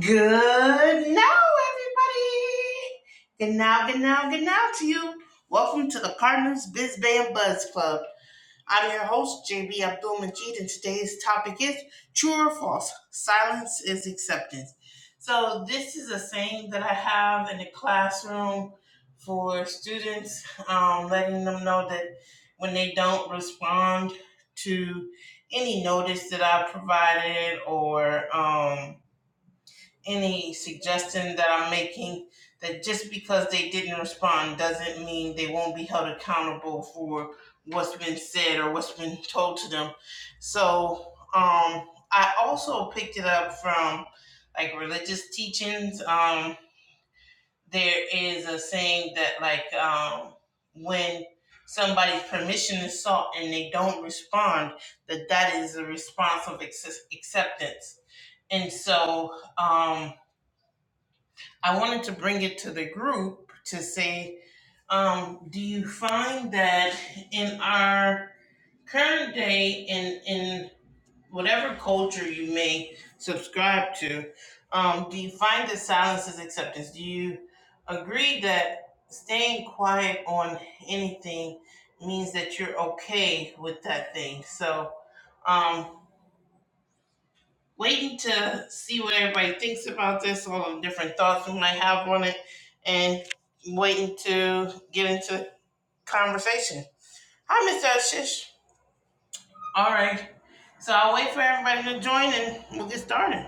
Good now, everybody. Good now, good now, good now to you. Welcome to the Cardinals Biz Band Buzz Club. I'm your host, JB Abdul Majid, and today's topic is true or false. Silence is acceptance. So, this is a saying that I have in the classroom for students, um, letting them know that when they don't respond to any notice that I provided or, um, any suggestion that I'm making that just because they didn't respond doesn't mean they won't be held accountable for what's been said or what's been told to them. So um, I also picked it up from like religious teachings. Um, there is a saying that like um, when somebody's permission is sought and they don't respond, that that is a response of acce- acceptance. And so, um, I wanted to bring it to the group to say, um, do you find that in our current day, in in whatever culture you may subscribe to, um, do you find that silence is acceptance? Do you agree that staying quiet on anything means that you're okay with that thing? So. Um, waiting to see what everybody thinks about this, all the different thoughts we might have on it, and waiting to get into conversation. Hi, Mr. Ashish. All right. So I'll wait for everybody to join and we'll get started.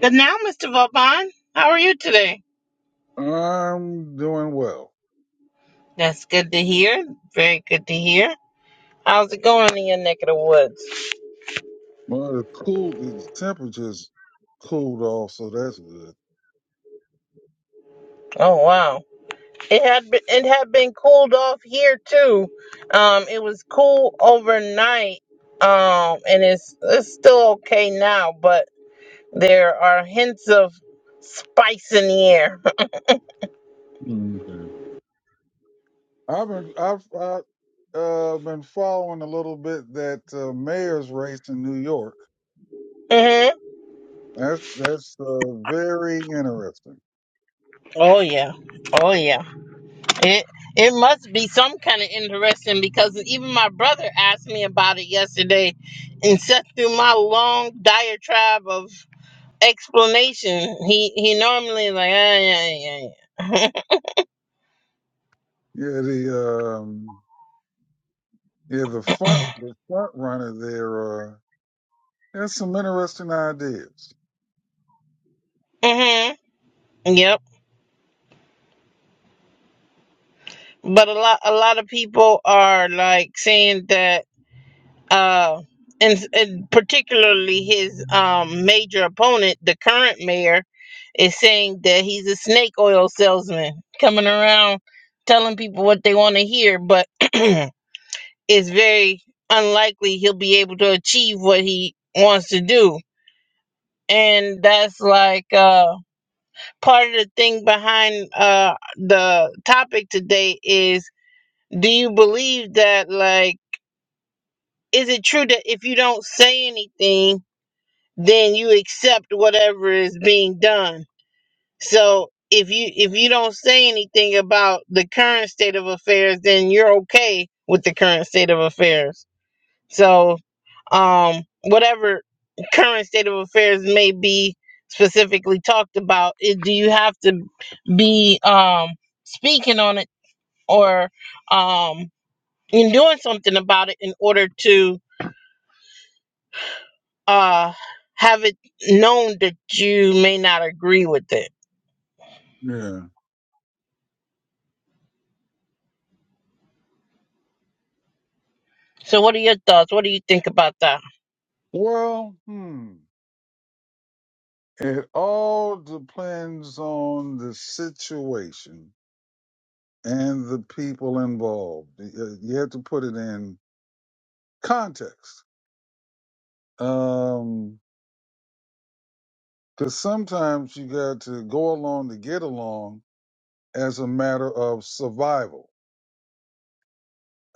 Good now, Mr. Vauban. How are you today? I'm doing well. That's good to hear. Very good to hear. How's it going in your neck of the woods? Well, the cool, the temperature's cooled off, so that's good. Oh, wow. It had been, it had been cooled off here too. Um, it was cool overnight. Um, and it's it's still okay now, but there are hints of spice in the air. Okay. I've been, I've, I, uh, been following a little bit that uh, mayor's race in New York. hmm That's that's uh, very interesting. Oh yeah, oh yeah. It it must be some kind of interesting because even my brother asked me about it yesterday, and sat through my long diatribe of explanation. He he normally like ah yeah yeah Yeah, the um, yeah the front the front runner there. Uh, has some interesting ideas. yeah. hmm Yep. but a lot a lot of people are like saying that uh and, and particularly his um major opponent the current mayor is saying that he's a snake oil salesman coming around telling people what they want to hear but it's very unlikely he'll be able to achieve what he wants to do and that's like uh part of the thing behind uh the topic today is do you believe that like is it true that if you don't say anything then you accept whatever is being done so if you if you don't say anything about the current state of affairs then you're okay with the current state of affairs so um whatever current state of affairs may be specifically talked about it, do you have to be um speaking on it or um in doing something about it in order to uh have it known that you may not agree with it. Yeah. So what are your thoughts? What do you think about that? Well, hmm. It all depends on the situation and the people involved. You you have to put it in context. Um, cause sometimes you got to go along to get along as a matter of survival,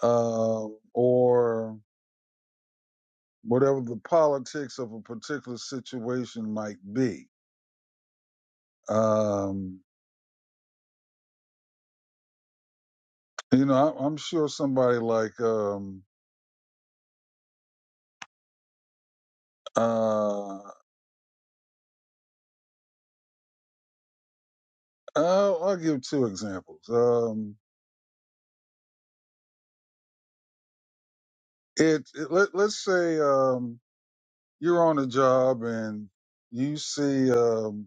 uh, or whatever the politics of a particular situation might be. Um, you know, I, I'm sure somebody like, um, uh, I'll, I'll give two examples. Um, it, it let, let's say, um, you're on a job and you see, um,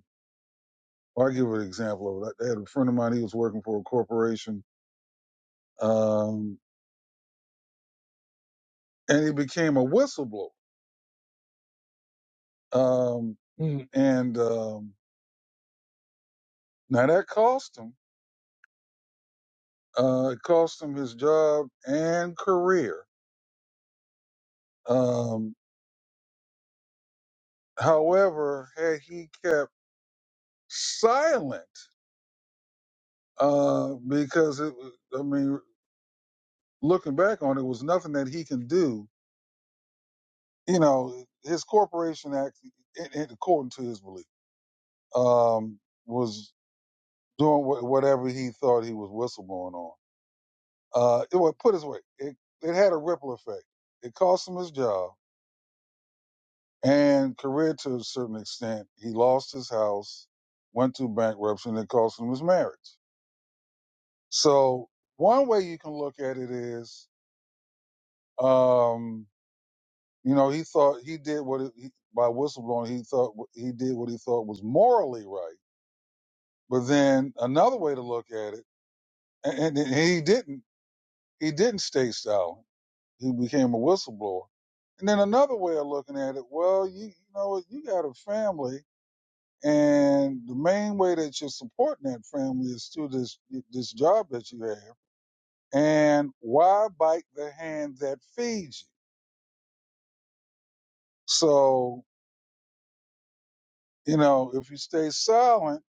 I'll give an example of it. I had a friend of mine, he was working for a corporation, um, and he became a whistleblower. Um, Mm. and, um, now that cost him, uh, it cost him his job and career. Um, however, had he kept silent, uh, because it, was- I mean, looking back on it, it was nothing that he can do you know, his corporation act, it, it, according to his belief, um, was doing wha- whatever he thought he was whistleblowing on. Uh, it was put it this way, it, it had a ripple effect. It cost him his job and career to a certain extent. He lost his house, went through bankruptcy, and it cost him his marriage. So one way you can look at it is, um, you know, he thought he did what it, he, by whistleblowing, he thought wh- he did what he thought was morally right But then another way to look at it, and, and he didn't, he didn't stay silent. He became a whistleblower. And then another way of looking at it, well, you, you know, you got a family, and the main way that you're supporting that family is through this this job that you have. And why bite the hand that feeds you? So you know, if you stay silent,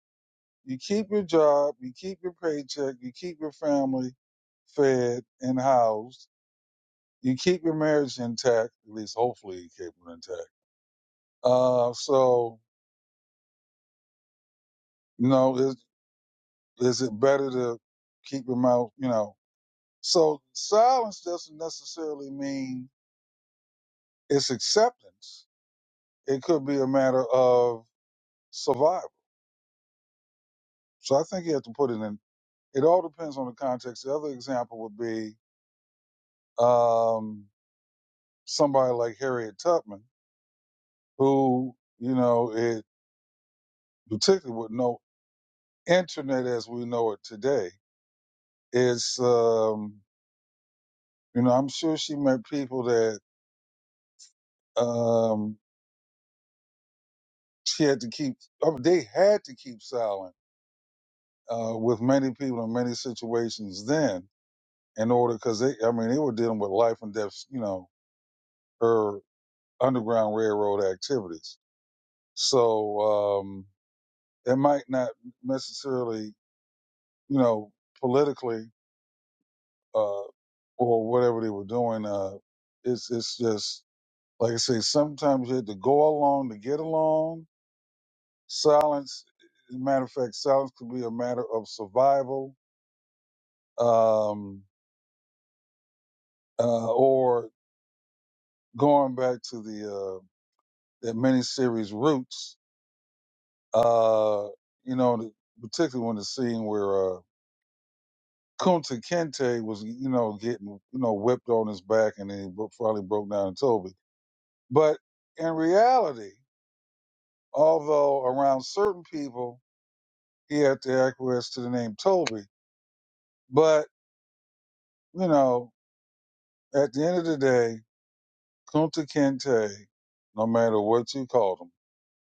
you keep your job, you keep your paycheck, you keep your family fed and housed you keep your marriage intact, at least hopefully you keep it intact. Uh, so, you know, is, is it better to keep your mouth, you know? So silence doesn't necessarily mean it's acceptance. It could be a matter of survival. So I think you have to put it in, it all depends on the context. The other example would be, um, somebody like Harriet Tubman, who, you know, it particularly with no internet as we know it today, It's, um, you know, I'm sure she met people that um, she had to keep, oh, they had to keep silent uh, with many people in many situations then in order, because they, I mean, they were dealing with life and death, you know, her Underground Railroad activities. So um, it might not necessarily, you know, politically uh, or whatever they were doing. Uh, it's, it's just, like I say, sometimes you had to go along to get along Silence, as a matter of fact, silence could be a matter of survival, um, uh, or going back to the uh, that miniseries roots. Uh, you know, the, particularly when the scene where uh, Kunta Kinte was, you know, getting you know whipped on his back, and then he bro- finally broke down and told me. But in reality, although around certain people he had to acquiesce to the name Toby, but you know, at the end of the day, Kunta Kinte, no matter what you called him,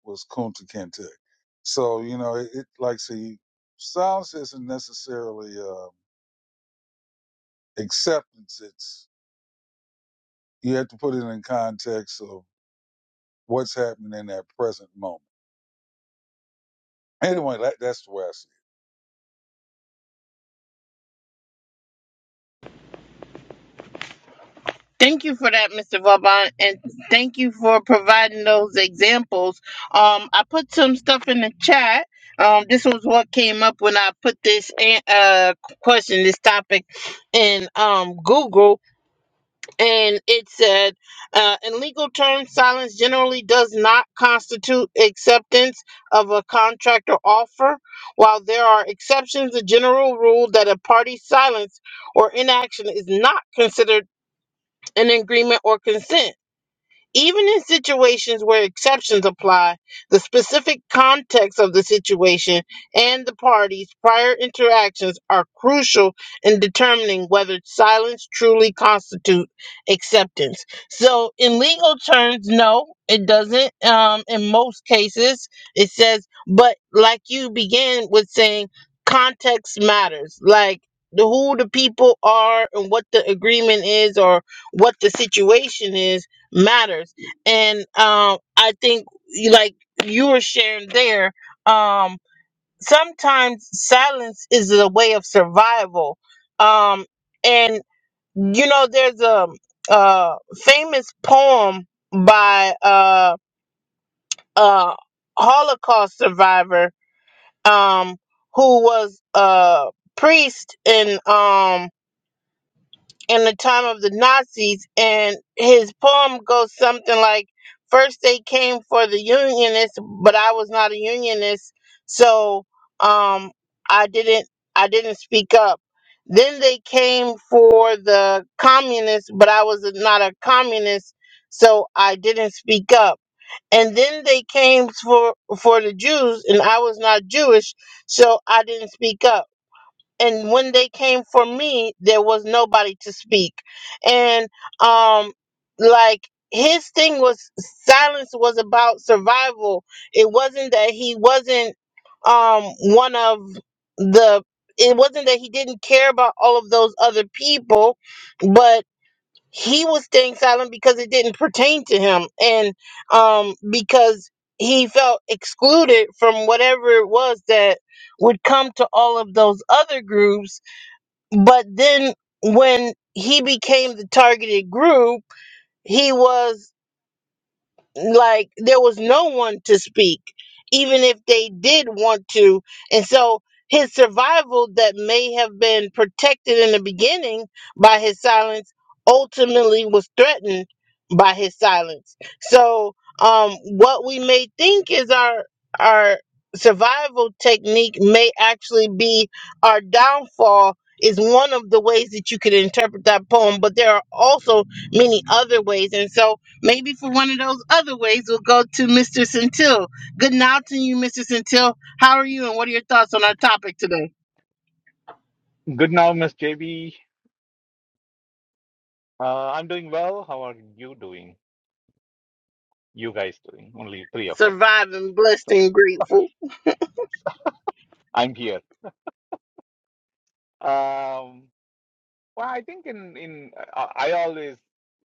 was Kunta Kinte. So, you know, it, it like, see, silence isn't necessarily uh, acceptance. It's, you have to put it in context of what's happening in that present moment. Anyway, that, that's the way I see it. Thank you for that, Mr. Vauban, and thank you for providing those examples. Um, I put some stuff in the chat. Um, this was what came up when I put this an- uh, question, this topic in um, Google, and it said, uh, in legal terms, silence generally does not constitute acceptance of a contract or offer. While there are exceptions, the general rule that a party's silence or inaction is not considered an agreement or consent. Even in situations where exceptions apply, the specific context of the situation and the parties' prior interactions are crucial in determining whether silence truly constitutes acceptance. So, in legal terms, no, it doesn't. Um, in most cases, it says, but like you began with saying, context matters. Like, the, who the people are and what the agreement is or what the situation is matters and um i think you- like you were sharing there um sometimes silence is a way of survival um and you know there's a, uh famous poem by uh uh holocaust survivor um who was a priest in. um in the time of the Nazis, and his poem goes something like, First they came for the Unionists, but I was not a Unionist, so um, I didn't I didn't speak up. Then they came for the Communists, but I was not a Communist, so I didn't speak up. And then they came for for the Jews, and I was not Jewish, so I didn't speak up and when they came for me there was nobody to speak and um like his thing was silence was about survival it wasn't that he wasn't um one of the it wasn't that he didn't care about all of those other people but he was staying silent because it didn't pertain to him and um because he felt excluded from whatever it was that would come to all of those other groups but then when he became the targeted group he was like there was no one to speak even if they did want to and so his survival that may have been protected in the beginning by his silence ultimately was threatened by his silence so um what we may think is our our survival technique may actually be our downfall is one of the ways that you could interpret that poem but there are also many other ways and so Maybe for one of those other ways, we'll go to Mr. Centil. Good night to you, Mr. Centil. How are you, and what are your thoughts on our topic today? Good now, Miss JB. Uh, I'm doing well. How are you doing? You guys doing? Only three of us. Surviving, blessed, and grateful. I'm here. Um, well, I think in in I I always,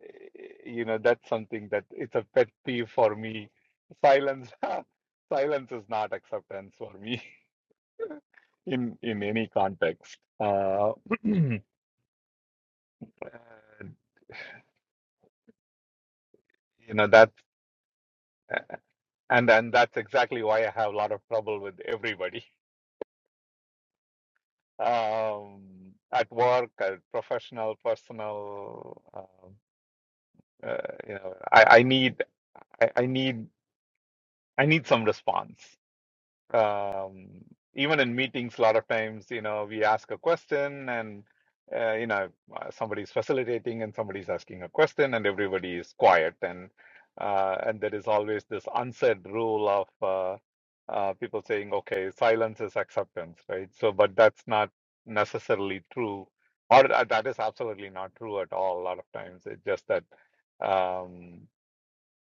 eh, you know, that's something that it's a pet peeve for me. Silence, silence is not acceptance for me in in any context. Uh, uh, you know that, and and that's exactly why I have a lot of trouble with everybody. um, at work, at professional, personal. Um, uh, you know, I, I need, I, I need, I need some response um, even in meetings, a lot of times, you know, we ask a question and, uh, you know, uh, somebody's facilitating and somebody's asking a question and everybody is quiet. And, uh, and there is always this unsaid rule of uh, uh, people saying, okay, silence is acceptance, right? So, but that's not necessarily true, or uh, that is absolutely not true at all. A lot of times, it's just that um,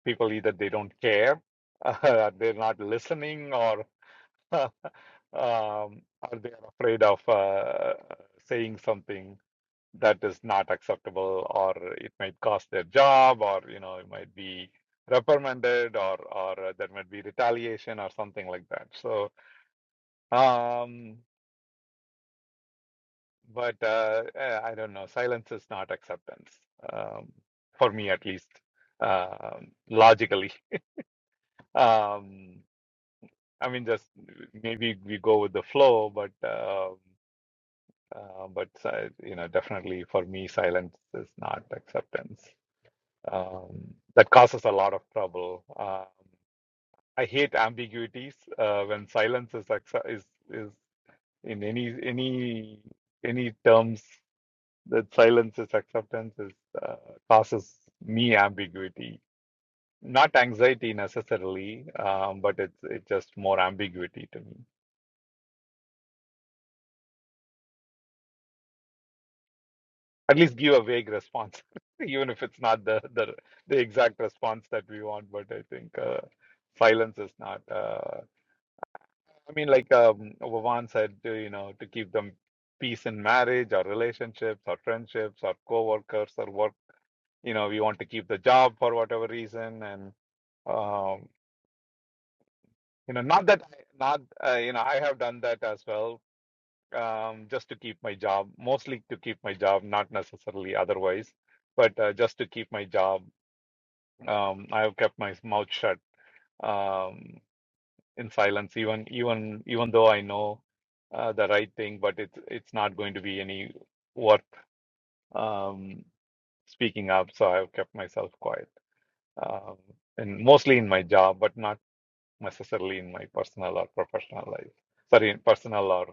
people either they don't care, uh, they're not listening, or um, or they are afraid of uh, saying something that is not acceptable, or it might cost their job, or you know, it might be reprimanded, or or uh, there might be retaliation or something like that. So, um, but uh, eh, I don't know. Silence is not acceptance, um, for me at least, um, logically. Um, I mean, just maybe we go with the flow, but. Um Uh, but si- you know, definitely for me, silence is not acceptance. Um, that causes a lot of trouble. Um, I hate ambiguities. Uh, when silence is accep- is is in any any any terms that silence is acceptance is uh, causes me ambiguity. Not anxiety necessarily, um, but it's it's just more ambiguity to me. At least give a vague response, even if it's not the the the exact response that we want. But I think uh, silence is not. Uh, I mean, like um, Vavan said, uh, you know, to keep them peace in marriage or relationships or friendships or coworkers or work. You know, we want to keep the job for whatever reason, and um, you know, not that not uh, you know, I have done that as well, um, just to keep my job, mostly to keep my job, not necessarily otherwise but uh, just to keep my job Um, I have kept my mouth shut um, in silence, even even even though I know uh, the right thing, but it's it's not going to be any worth um, speaking up. So I've kept myself quiet, um, and mostly in my job, but not necessarily in my personal or professional life. Sorry, in personal or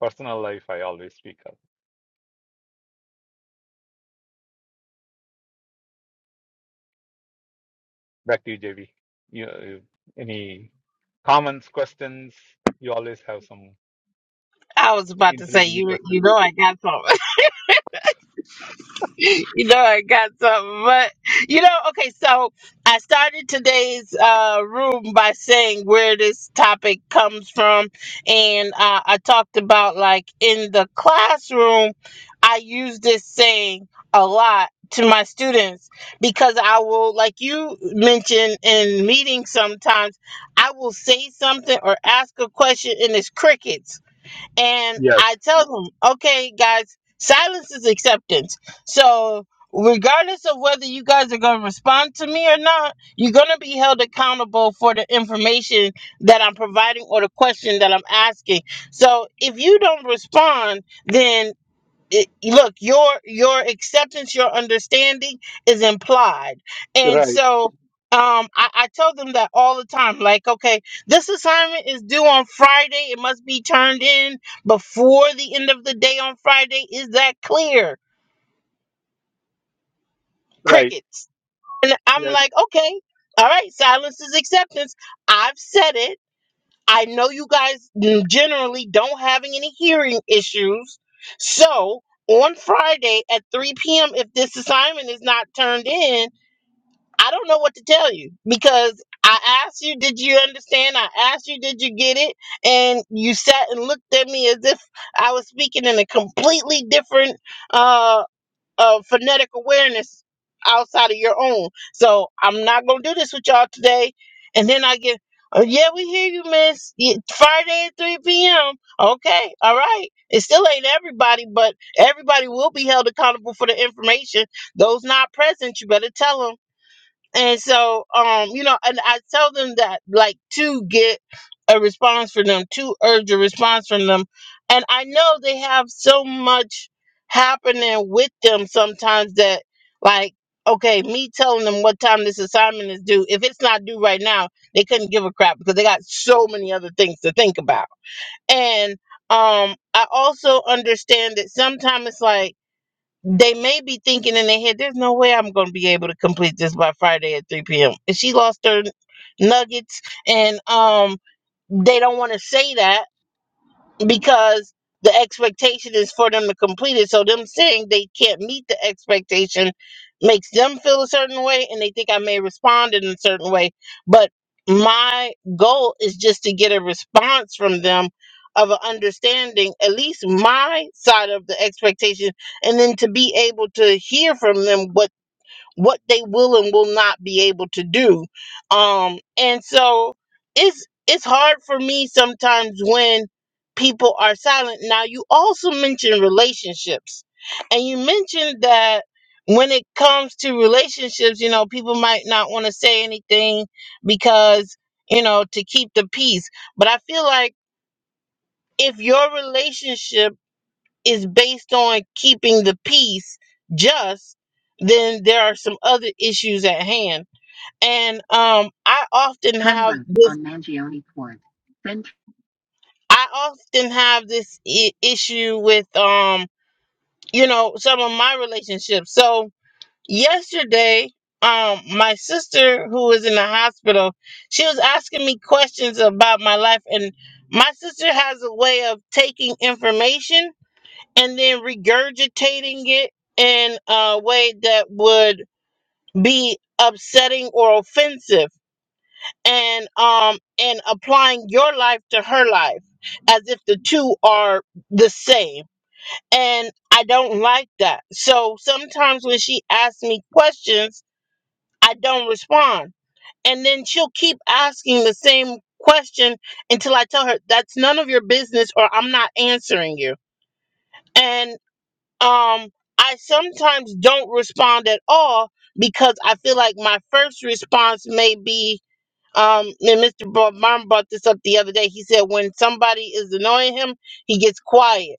personal life, I always speak up. Back to you, JB. You, you- uh, any comments, questions? You always have some I was about to say intriguing you. questions. You know, I got some. you know I got something, but you know, okay, so I started today's uh room by saying where this topic comes from and uh, I talked about like in the classroom I use this saying a lot to my students because I will like you mentioned in meetings sometimes I will say something or ask a question and it's crickets and Yes, I tell them, okay, guys, silence is acceptance. So, regardless of whether you guys are going to respond to me or not, you're going to be held accountable for the information that I'm providing or the question that I'm asking. So, if you don't respond, then it, look your your acceptance your understanding is implied and right. so um I, I tell them that all the time like okay this assignment is due on friday it must be turned in before the end of the day on friday is that clear Right. crickets and i'm Yes. like okay all right silence is acceptance i've said it I know you guys generally don't having any hearing issues. So on Friday at 3 p.m., if this assignment is not turned in, I don't know what to tell you because I asked you, did you understand? I asked you, did you get it? And you sat and looked at me as if I was speaking in a completely different uh, of phonetic awareness outside of your own. So I'm not gonna do this with y'all today. And then I get, oh, yeah, we hear you, Miss. Yeah, Friday at 3 p.m. Okay, all right. It still ain't everybody, but everybody will be held accountable for the information. Those not present, you better tell them. And so, um, you know, and I tell them that like to get a response from them, to urge a response from them. And I know they have so much happening with them sometimes that like, okay, me telling them what time this assignment is due, if it's not due right now, they couldn't give a crap because they got so many other things to think about. And um I also understand that sometimes it's like they may be thinking in their head, there's no way I'm going to be able to complete this by Friday at 3 p.m. And she lost her nuggets, and um, they don't want to say that because the expectation is for them to complete it. So them saying they can't meet the expectation makes them feel a certain way and they think I may respond in a certain way. But my goal is just to get a response from them of an understanding, at least my side of the expectation, and then to be able to hear from them what what they will and will not be able to do um and so it's it's hard for me sometimes when people are silent now you also mentioned relationships and you mentioned that when it comes to relationships you know people might not want to say anything because you know to keep the peace but i feel like if your relationship is based on keeping the peace just, then there are some other issues at hand. And um, I often Turn have left this. on Mangione Court. Then t- I often have this I- issue with um, you know, some of my relationships. So yesterday, um, my sister who was in the hospital, she was asking me questions about my life, and my sister has a way of taking information and then regurgitating it in a way that would be upsetting or offensive and um and applying your life to her life as if the two are the same and i don't like that so sometimes when she asks me questions i don't respond and then she'll keep asking the same question until i tell her that's none of your business or i'm not answering you and. um i sometimes don't respond at all because i feel like my first response may be um and mr Mom brought this up the other day he said when somebody is annoying him he gets quiet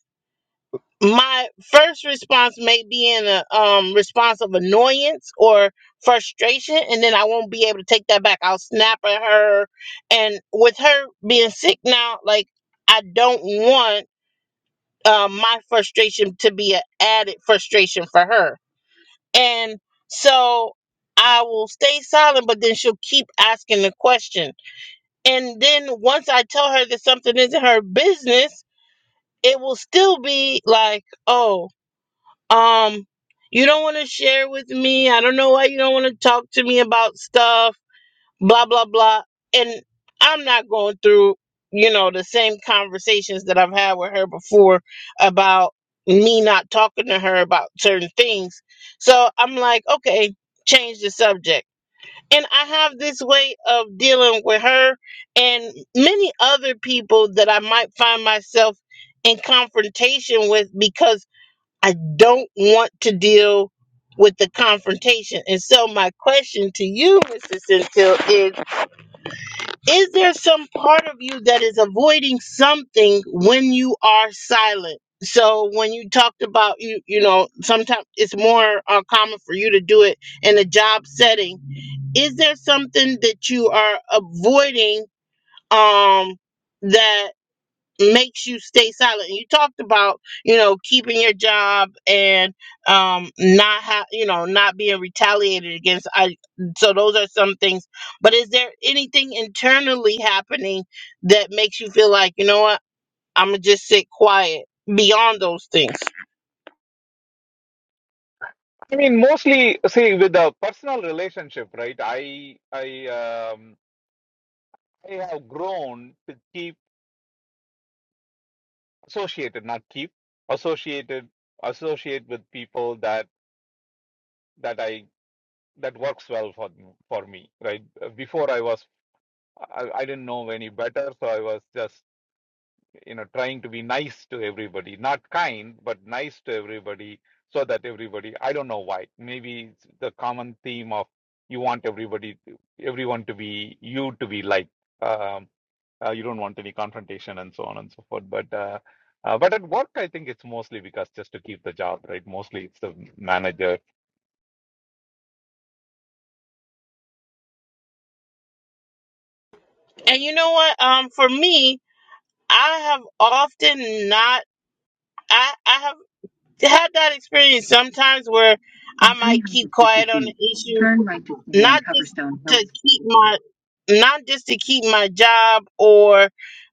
my first response may be in a um, response of annoyance or frustration and then i won't be able to take that back i'll snap at her and with her being sick now like i don't want um, my frustration to be an added frustration for her and so I will stay silent, but then she'll keep asking the question. And then once I tell her that something isn't her business, it will still be like, oh, um, you don't want to share with me. I don't know why you don't want to talk to me about stuff blah blah blah and i'm not going through you know the same conversations that i've had with her before about me not talking to her about certain things so i'm like okay change the subject and i have this way of dealing with her and many other people that i might find myself in confrontation with because i don't want to deal with the confrontation and so my question to you mrs centil is is there some part of you that is avoiding something when you are silent? So when you talked about you, you know, sometimes it's more uh, common for you to do it in a job setting. Is there something that you are avoiding um, that? makes you stay silent. You talked about, you know, keeping your job and um not ha- you know, not being retaliated against. I so those are some things. But is there anything internally happening that makes you feel like, you know what, I'm going to just sit quiet beyond those things? I mean, mostly, see, with a personal relationship, right? I, I, um, I have grown to keep associated, not keep associated, associate with people that that I that works well for for me, right? Before I was, I, I didn't know any better, so I was just you know trying to be nice to everybody not kind but nice to everybody so that everybody i don't know why maybe it's the common theme of you want everybody to, everyone to be you to be like um, uh, you don't want any confrontation and so on and so forth but uh, uh, but at work i think it's mostly because just to keep the job right mostly it's the manager And you know what, um for me, I have often not I I have had that experience sometimes where In I might keep 350 quiet on feet, the issue turn right to stay on not just Coverstone to Hills. keep my not just to keep my job or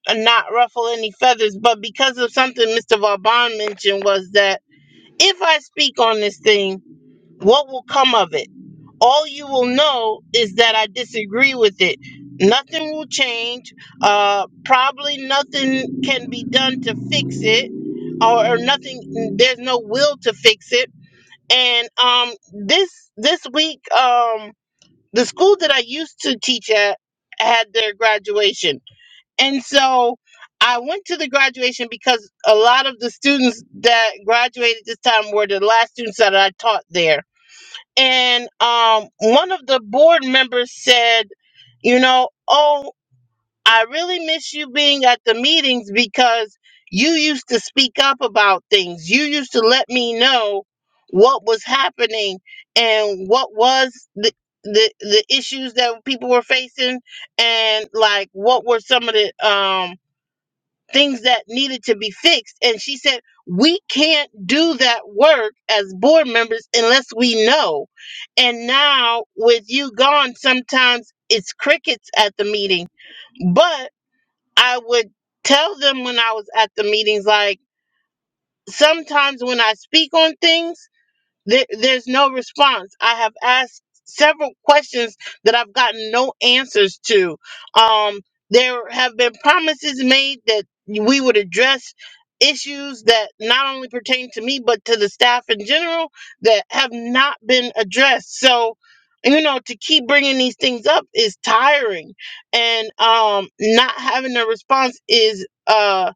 uh, not ruffle any feathers, but because of something Mr. Vauban mentioned was that if I speak on this thing, what will come of it? All you will know is that I disagree with it. Nothing will change. Uh, probably nothing can be done to fix it, or, or nothing. There's no will to fix it. And um, this this week, um, the school that I used to teach at had their graduation. And so I went to the graduation because a lot of the students that graduated this time were the last students that I taught there. And um, one of the board members said, you know, oh I really miss you being at the meetings because you used to speak up about things. You used to let me know what was happening and what was the the, the issues that people were facing and like what were some of the um things that needed to be fixed and she said we can't do that work as board members unless we know and now with you gone sometimes it's crickets at the meeting but. I would tell them when I was at the meetings, like sometimes when I speak on things. There, there's no response. I have asked several questions that I've gotten no answers to. Um, there have been promises made that we would address issues that not only pertain to me but to the staff in general that have not been addressed. So, you know, to keep bringing these things up is tiring, and um, not having a response is uh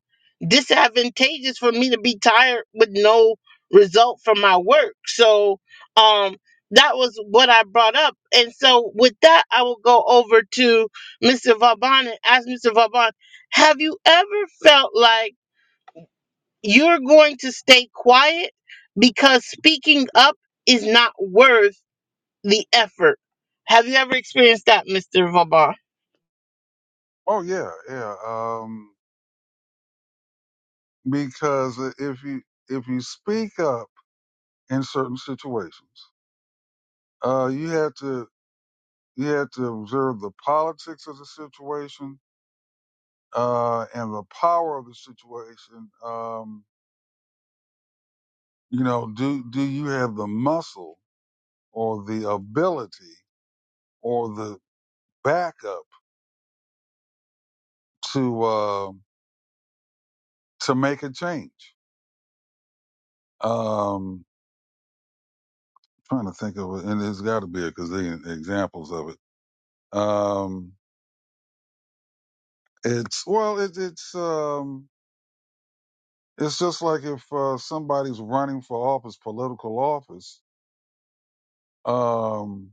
disadvantageous for me to be tired with no result from my work. So um that was what I brought up. And so with that I will go over to Mr. Vauban and ask Mr. Vauban, have you ever felt like you're going to stay quiet because speaking up is not worth the effort? Have you ever experienced that, Mr. Vauban? Oh, yeah, yeah. Um, because if you, if you speak up in certain situations, uh, you have to, you have to observe the politics of the situation uh, and the power of the situation, um, you know, do do you have the muscle or the ability or the backup to uh, to make a change? Um, trying to think of it, and there's got to be a gazillion examples of it. Um, it's well, it, it's um, it's just like if uh, somebody's running for office, political office, um,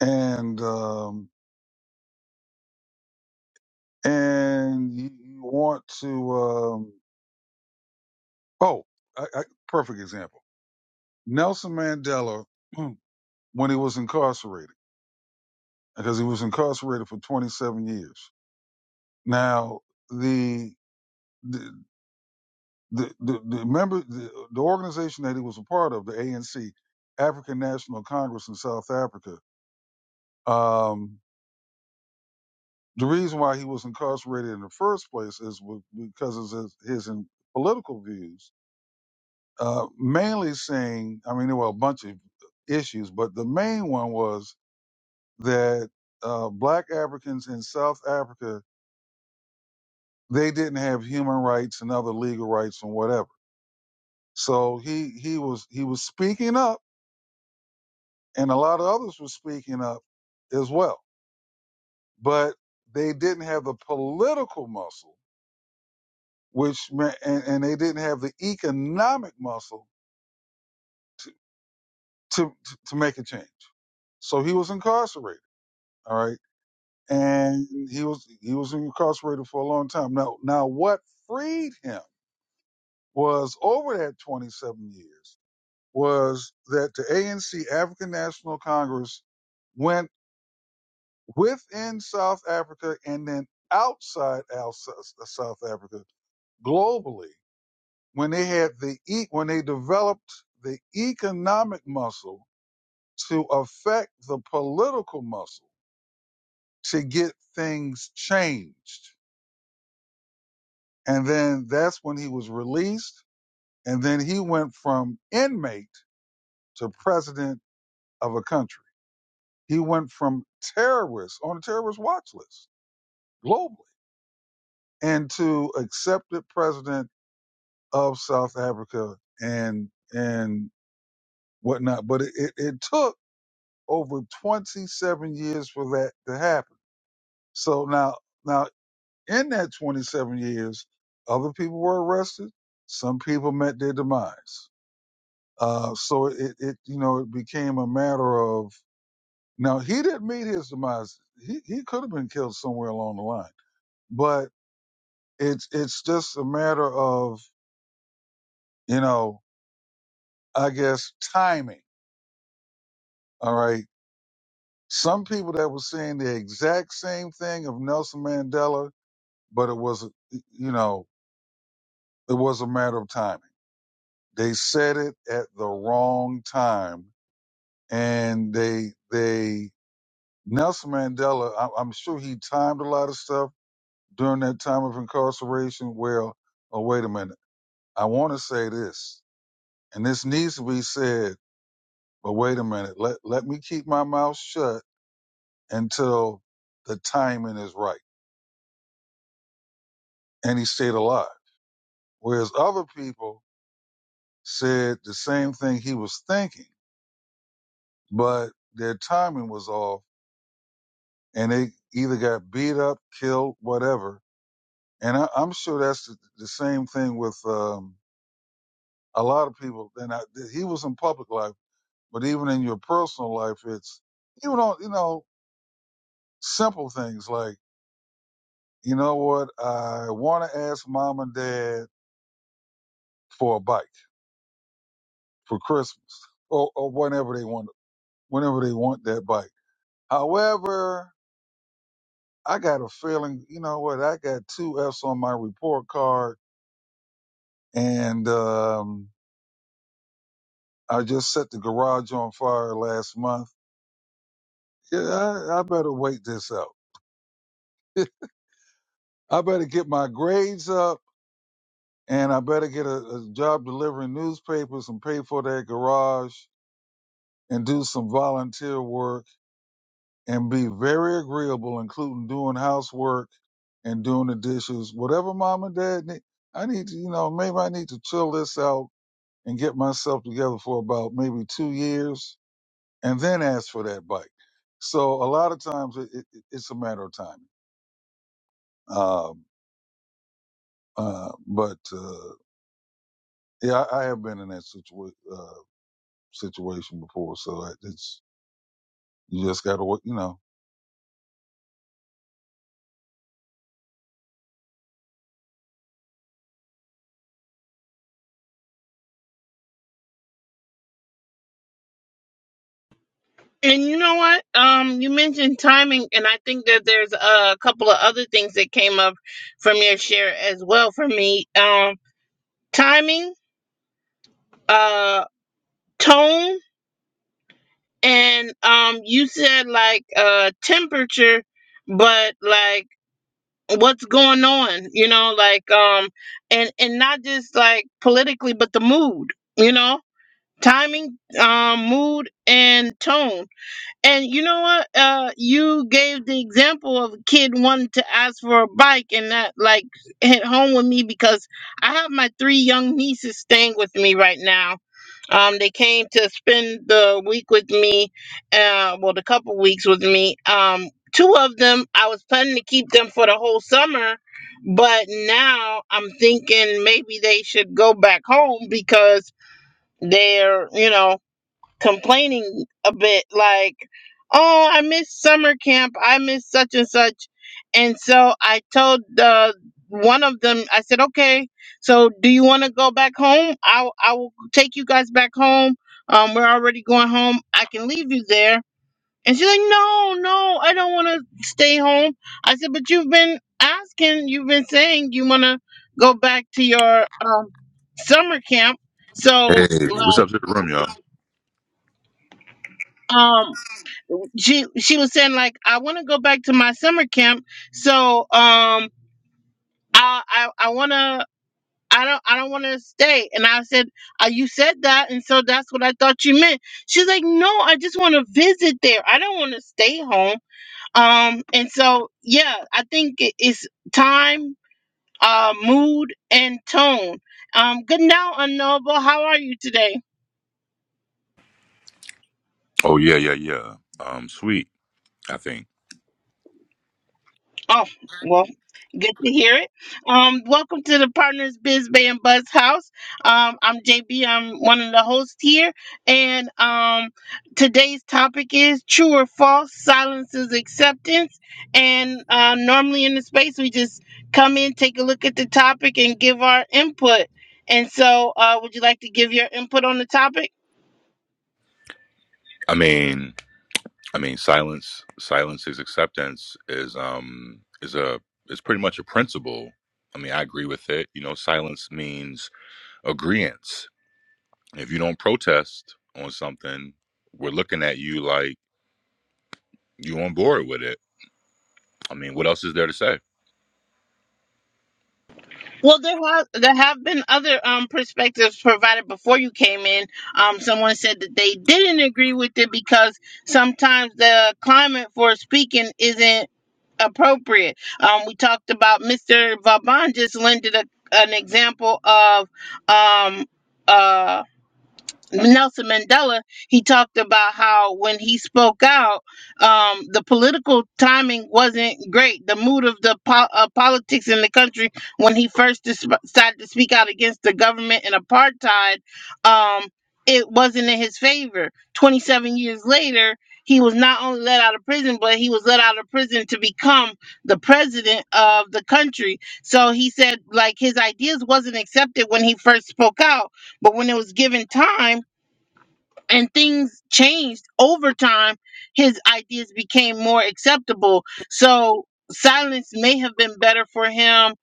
and um, and you, you want to um, oh I, I, perfect example nelson mandela when he was incarcerated because he was incarcerated for 27 years now the the the, the, the member the, the organization that he was a part of the anc african national congress in south africa um, the reason why he was incarcerated in the first place is w- because of his, his in- political views uh, mainly saying, I mean, there were a bunch of issues, but the main one was that uh, black Africans in South Africa they didn't have human rights and other legal rights and whatever. So he he was he was speaking up, and a lot of others were speaking up as well, but they didn't have the political muscle, which meant, and, and they didn't have the economic muscle to, to to make a change. So he was incarcerated. All right and he was he was incarcerated for a long time. Now now what freed him was over that 27 years was that the ANC African National Congress went within South Africa and then outside Al- S- South Africa globally when they had the e- when they developed the economic muscle to affect the political muscle to get things changed And then that's when he was released. And then he went from inmate to president of a country. He went from terrorist on a terrorist watch list globally and to accepted president of South Africa and and whatnot. But it, it, it took over 27 years for that to happen. So now now in that 27 years, other people were arrested. Some people met their demise Uh, so it, it, you know, it became a matter of now he didn't meet his demise. He he could have been killed somewhere along the line, but it's it's just a matter of you know, I guess timing. All right, some people that were saying the exact same thing of Nelson Mandela, but it was you know it was a matter of timing. They said it at the wrong time, and they they Nelson Mandela. I, I'm sure he timed a lot of stuff during that time of incarceration? Well, oh, wait a minute. I want to say this, and this needs to be said, but wait a minute. Let, let me keep my mouth shut until the timing is right. And he stayed alive. Whereas other people said the same thing he was thinking, but their timing was off and they either got beat up, killed, whatever. And I, I'm sure that's the, the same thing with um, a lot of people. And I, he was in public life But even in your personal life, it's even on you know simple things like you know what I want to ask mom and dad for a bike for Christmas or, or whenever they want whenever they want that bike. However, I got a feeling you know what I got two F's on my report card and um, I just set the garage on fire last month. Yeah, I, I better wait this out. I better get my grades up and I better get a, a job delivering newspapers and pay for that garage and do some volunteer work and be very agreeable, including doing housework and doing the dishes, whatever mom and dad need. I need to, you know, maybe I need to chill this out and get myself together for about maybe two years and then ask for that bike. So a lot of times it, it, it's a matter of time. Um, uh, but, uh, yeah, I, I have been in that situation, uh, situation before, so I- it's you just got to You know, And you know what? Um, you mentioned timing, and I think that there's a couple of other things that came up from your share as well for me. Um, timing, uh, tone, and um, you said like uh, temperature, but like what's going on, you know, like um, and and not just like politically, but the mood, you know, timing, um, mood, and tone. And you know what? Uh, you gave the example of a kid wanting to ask for a bike, and that like hit home with me because I have my three young nieces staying with me right now Um, they came to spend the week with me, uh, well, the couple weeks with me. Um, two of them, I was planning to keep them for the whole summer, but now I'm thinking maybe they should go back home because they're, you know, complaining a bit like oh i miss summer camp i miss such and such and so i told the one of them i said okay so do you want to go back home i i will take you guys back home um we're already going home i can leave you there and she's like no no i don't want to stay home i said but you've been asking you've been saying you want to go back to your um summer camp so Hey, what's like up to the room, y'all? um she she was saying like I want to go back to my summer camp, so um I I, I want to I don't I don't want to stay. And I said, uh, you said that, and so that's what I thought you meant. She's like, no, I just want to visit there. I don't want to stay home. Um, and so yeah, I think it- it's time, uh, mood, and tone. Um, good now, unknowable. How are you today? Oh yeah, yeah, yeah. Um, sweet. I think. Oh, well, good to hear it. Um, welcome to the Partners Biz Bay and Buzz House. Um, I'm JB. I'm one of the hosts here, and um, today's topic is true or false. Silence is acceptance. And uh, normally in the space, we just come in, take a look at the topic, and give our input. And so, uh, would you like to give your input on the topic? I mean, I mean, silence. Silence is acceptance. Is um is a is pretty much a principle. I mean, I agree with it. You know, silence means agreement. If you don't protest on something, we're looking at you like you on board with it. I mean, what else is there to say? Well, there have there have been other um perspectives provided before you came in. Um, someone said that they didn't agree with it because sometimes the climate for speaking isn't appropriate. Um, we talked about Mr. Vaban just lended a, an example of um uh, Nelson Mandela, he talked about how when he spoke out, um, the political timing wasn't great. The mood of the po- uh, politics in the country when he first dis- decided to speak out against the government and apartheid, um, it wasn't in his favor. 27 years later, he was not only let out of prison, but he was let out of prison to become the president of the country. So he said, like, his ideas wasn't accepted when he first spoke out, but when it was given time, and things changed over time his ideas became more acceptable so silence may have been better for him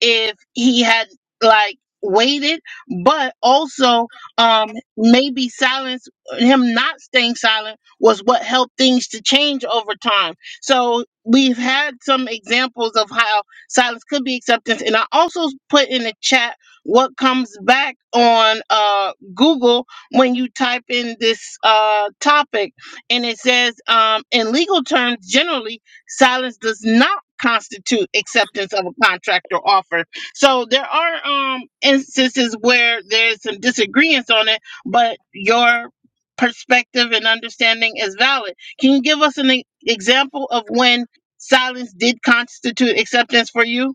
if he had like waited but also um maybe silence him not staying silent was what helped things to change over time so we've had some examples of how silence could be acceptance and i also put in the chat what comes back on uh google when you type in this uh, topic, and it says, um, in legal terms, generally, silence does not constitute acceptance of a contract or offer. So there are um, instances where there's some disagreements on it, but your perspective and understanding is valid. Can you give us an e- example of when silence did constitute acceptance for you?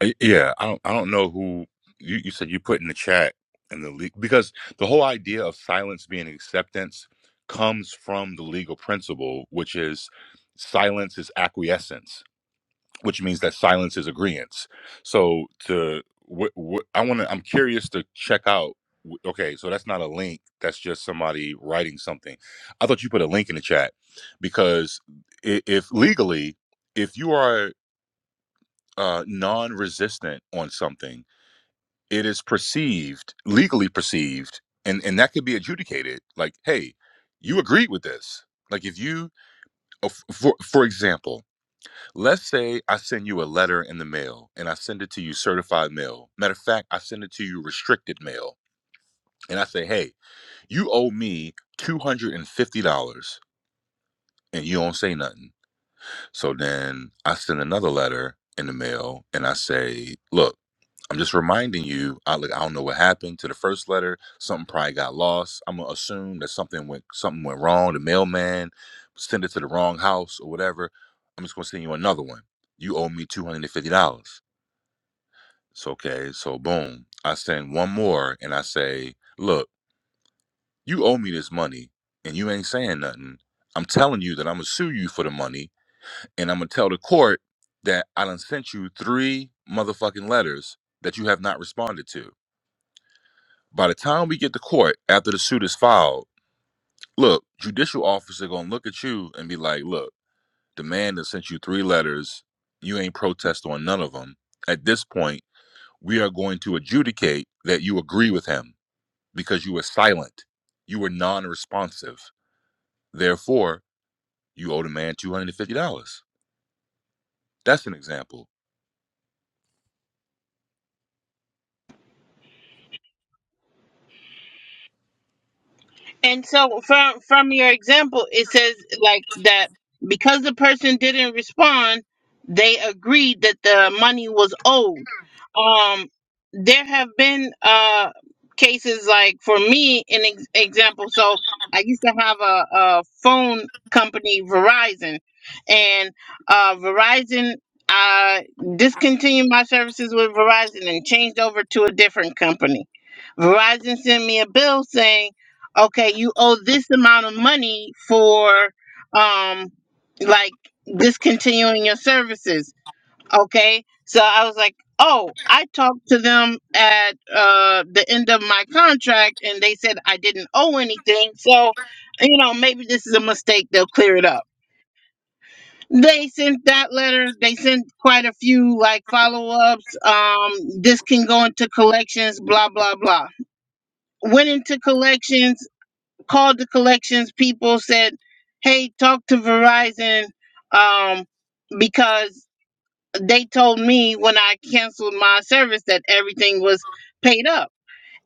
Uh, Yeah, I don't. I don't know who you, you said you put in the chat and the le- because the whole idea of silence being acceptance comes from the legal principle, which is silence is acquiescence, which means that silence is agreeance. So to wh- wh- I want to. I'm curious to check out. wh- Okay, so that's not a link. That's just somebody writing something. I thought you put a link in the chat because i- if legally, if you are uh, non-resistant on something it is perceived legally perceived and and that could be adjudicated like hey you agreed with this like if you uh, f- for for example let's say i send you a letter in the mail and i send it to you certified mail matter of fact i send it to you restricted mail and i say hey you owe me $250 and fifty dollars, and you don't say nothing so then i send another letter in the mail and i say look I'm just reminding you. I like I don't know what happened to the first letter. Something probably got lost. I'm gonna assume that something went something went wrong. The mailman sent it to the wrong house or whatever. I'm just gonna send you another one. You owe me two hundred and fifty dollars. So okay, so boom. I send one more and I say, look, you owe me this money and you ain't saying nothing. I'm telling you that I'm gonna sue you for the money and I'm gonna tell the court that I done sent you three motherfucking letters that you have not responded to By the time we get to court after the suit is filed, look, judicial officer gonna look at you and be like, look, the man that sent you three letters, you ain't protest on none of them. At this point, we are going to adjudicate that you agree with him because you were silent. You were non-responsive. Therefore, you owe the man $250. That's an example. And so from from your example, it says like that because the person didn't respond, they agreed that the money was owed. Um, there have been uh cases like for me an ex- example. So I used to have a, a phone company, Verizon, and uh, Verizon. I discontinued my services with Verizon and changed over to a different company. Verizon sent me a bill saying okay, you owe this amount of money for um like discontinuing your services. Okay. So I was like, oh, I talked to them at uh the end of my contract and they said I didn't owe anything. So, you know, maybe this is a mistake, they'll clear it up. They sent that letter, they sent quite a few like follow-ups. Um, this can go into collections, blah blah blah. Went into collections called the collections people said hey talk to verizon um, because they told me when i canceled my service that everything was paid up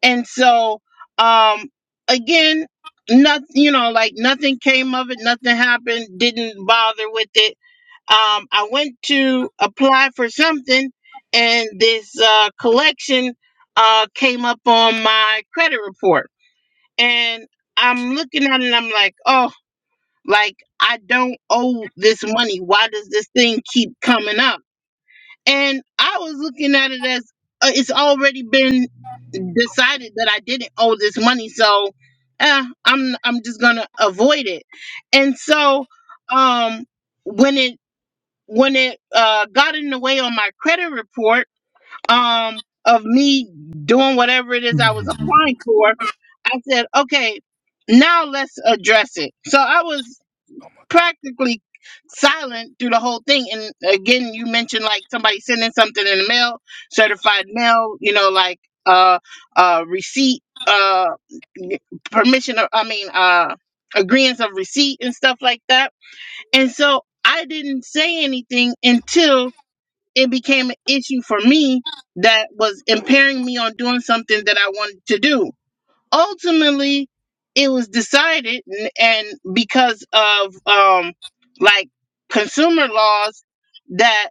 and so um, again nothing you know like nothing came of it nothing happened didn't bother with it um, i went to apply for something and this uh, collection uh, came up on my credit report and I'm looking at it and I'm like, oh, like I don't owe this money. Why does this thing keep coming up? And I was looking at it as uh, it's already been decided that I didn't owe this money, so eh, I'm I'm just gonna avoid it. And so, um, when it when it uh, got in the way on my credit report um of me doing whatever it is I was applying for, I said, okay, now let's address it. So I was practically silent through the whole thing. And again, you mentioned like somebody sending something in the mail, certified mail, you know, like uh uh receipt, uh permission or- I mean uh agreements of receipt and stuff like that. And so I didn't say anything until it became an issue for me that was impairing me on doing something that I wanted to do. Ultimately, it was decided, n- and because of um, like consumer laws, that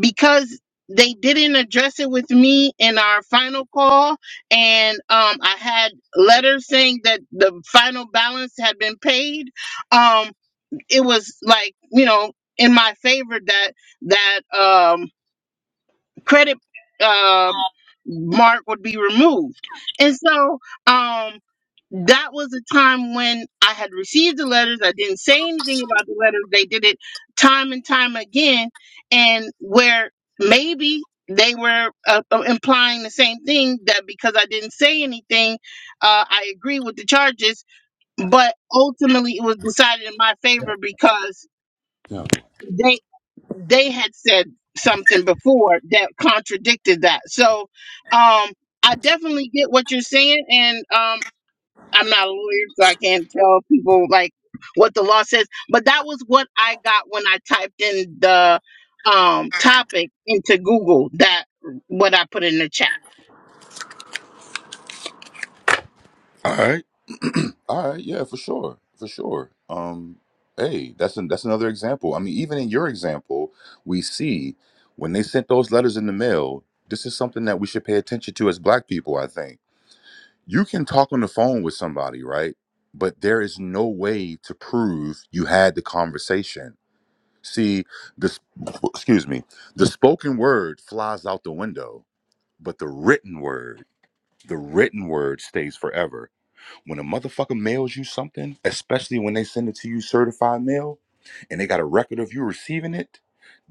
because they didn't address it with me in our final call, and um, I had letters saying that the final balance had been paid. Um, it was like you know in my favor that that um credit um, mark would be removed. And so um, that was a time when I had received the letters. I didn't say anything about the letters. They did it time and time again, and where maybe they were uh, uh, implying the same thing that because I didn't say anything, uh, I agree with the charges. But ultimately, it was decided in my favor because. they they had said something before that contradicted that. So um I definitely get what you're saying and um I'm not a lawyer so I can't tell people like what the law says, but that was what I got when I typed in the um topic into Google that what I put in the chat. All right. All right. Yeah, for sure. For sure. Um, hey, that's an, that's another example. I mean, even in your example, we see when they sent those letters in the mail, this is something that we should pay attention to as black people, I think. You can talk on the phone with somebody, right? But there is no way to prove you had the conversation. See, this excuse me, the spoken word flies out the window, but the written word, the written word stays forever when a motherfucker mails you something, especially when they send it to you certified mail, and they got a record of you receiving it,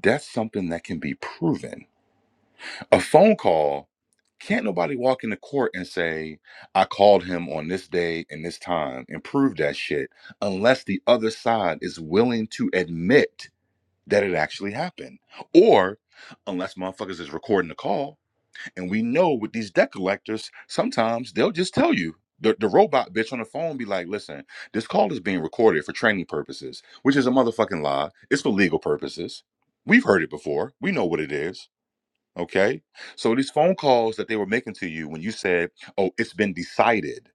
that's something that can be proven. A phone call, can't nobody walk into court and say, I called him on this day and this time and prove that shit unless the other side is willing to admit that it actually happened. Or unless motherfuckers is recording the call and we know with these debt collectors, sometimes they'll just tell you. The, the robot bitch on the phone be like, listen, this call is being recorded for training purposes, which is a motherfucking lie. It's for legal purposes. We've heard it before. We know what it is. Okay. So these phone calls that they were making to you when you said, oh, it's been decided,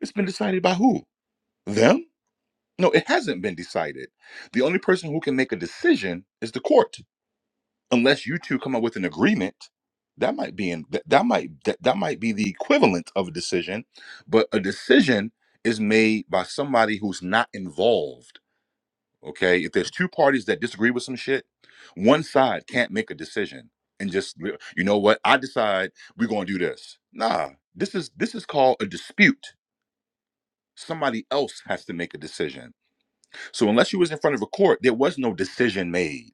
it's been decided by who? Them? No, it hasn't been decided. The only person who can make a decision is the court unless you two come up with an agreement that might be in that, that might that, that might be the equivalent of a decision but a decision is made by somebody who's not involved okay if there's two parties that disagree with some shit one side can't make a decision and just "Well, you know what i decide we're going to do this nah this is this is called a dispute somebody else has to make a decision so unless you was in front of a court there was no decision made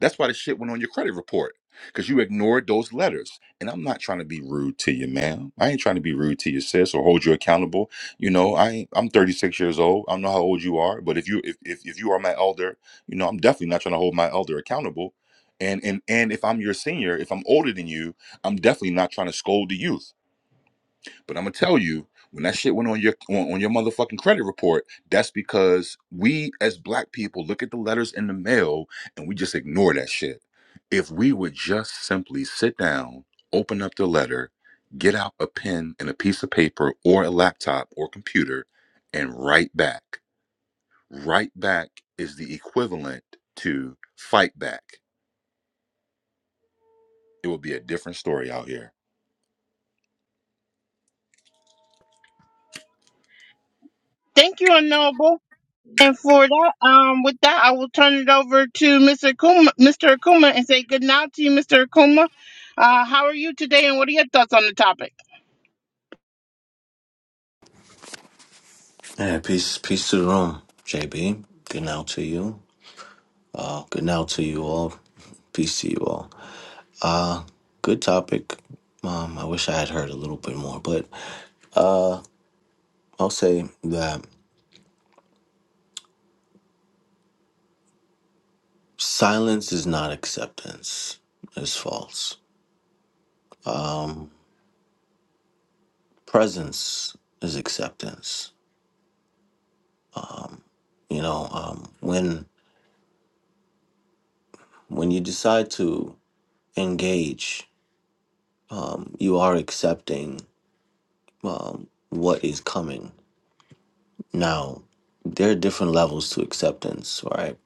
that's why the shit went on your credit report because you ignored those letters. And I'm not trying to be rude to you, ma'am. I ain't trying to be rude to you, sis, or hold you accountable. You know, I ain't, I'm 36 years old. I don't know how old you are, but if you if, if if you are my elder, you know, I'm definitely not trying to hold my elder accountable. And and and if I'm your senior, if I'm older than you, I'm definitely not trying to scold the youth. But I'm gonna tell you, when that shit went on your on, on your motherfucking credit report, that's because we as black people look at the letters in the mail and we just ignore that shit. If we would just simply sit down, open up the letter, get out a pen and a piece of paper or a laptop or computer, and write back. Write back is the equivalent to fight back. It would be a different story out here. Thank you, Unknowable. And for that, um, with that, I will turn it over to Mr. Akuma, Mr. Akuma, and say good night to you, Mr. Akuma. Uh, how are you today, and what are your thoughts on the topic? Yeah, peace, peace to the room, JB. Good now to you. Uh, good now to you all. Peace to you all. Uh, good topic. Um, I wish I had heard a little bit more, but uh, I'll say that silence is not acceptance. It's false. Um, presence is acceptance. You know, um, when when you decide to engage, um, you are accepting um, what is coming Now, there are different levels to acceptance, right?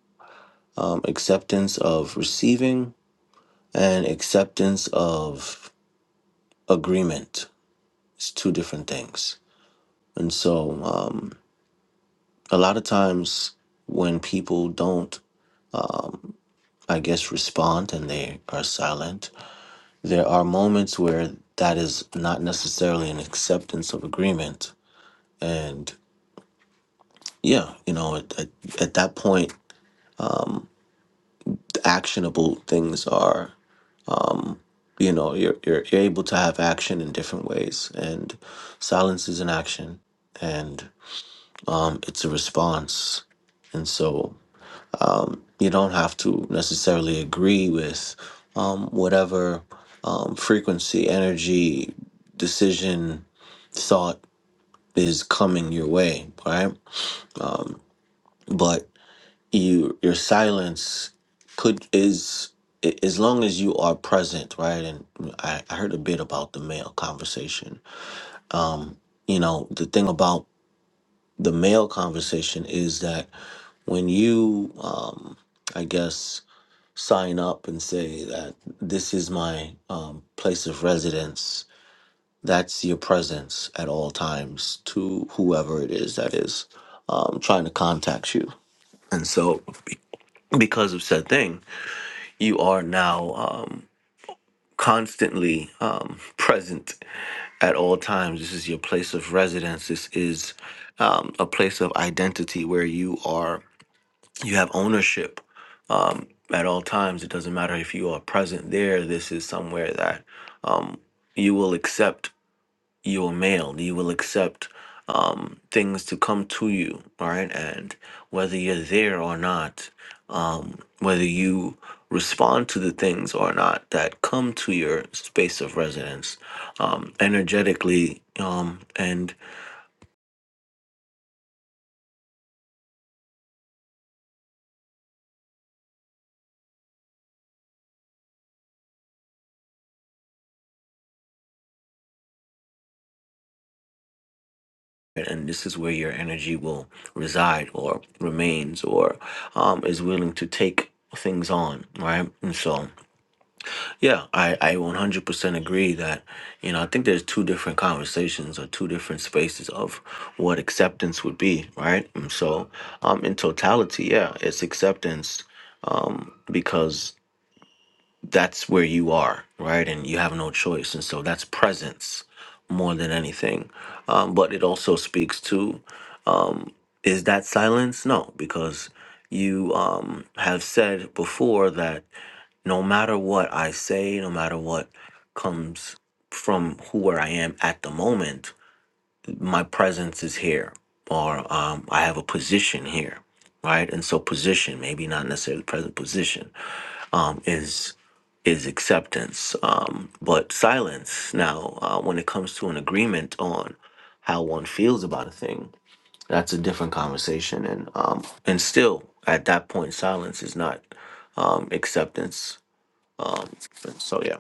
Um, acceptance of receiving and acceptance of agreement. It's two different things. And so, um, a lot of times when people don't, I guess, respond and they are silent, there are moments where that is not necessarily an acceptance of agreement. And yeah, you know, at, at, at that point, the actionable things are. you know you're, you're you're able to have action in different ways and silence is an action and um it's a response and so um you don't have to necessarily agree with um whatever um frequency energy decision thought is coming your way right um but you your silence could is a- as long as you are present right and i, I heard a bit about the male conversation um, you know, the thing about the male conversation is that when you, um, I guess, sign up and say that this is my um, place of residence, that's your presence at all times to whoever it is that is um, trying to contact you. And so, because of said thing, you are now. Um, constantly um, present at all times. This is your place of residence. This is um, a place of identity where you are, you have ownership um, at all times. It doesn't matter if you are present there. This is somewhere that um, you will accept you are male. You will accept um, things to come to you, all right? And whether you're there or not, um, whether you respond to the things or not that come to your space of residence um, energetically, um, and and this is where your energy will reside or remains or um, is willing to take things on, right? And so. Yeah, I, I 100% agree that, you know, I think there's two different conversations or two different spaces of what acceptance would be, right? And so, um, in totality, yeah, it's acceptance um, because that's where you are, right? And you have no choice. And so that's presence more than anything. Um, but it also speaks to um, is that silence? No, because you um, have said before that no matter what I say, no matter what comes from who where I am at the moment, my presence is here, or um, I have a position here, right? And so position, maybe not necessarily present position, um, is is acceptance. Um, but silence now, uh, when it comes to an agreement on how one feels about a thing, that's a different conversation. And um, and still, at that point, silence is not um, acceptance. Um, so yeah.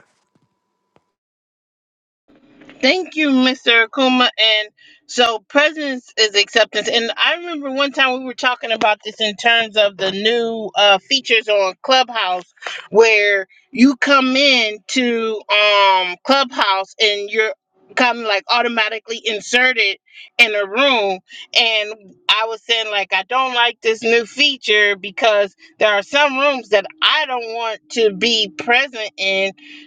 Thank you, Mr. Akuma. And so presence is acceptance. And I remember one time we were talking about this in terms of the new uh, features on Clubhouse where you come in to um, Clubhouse and you're kind of like automatically inserted in a room and i was saying like i don't like this new feature because there are some rooms that i don't want to be present in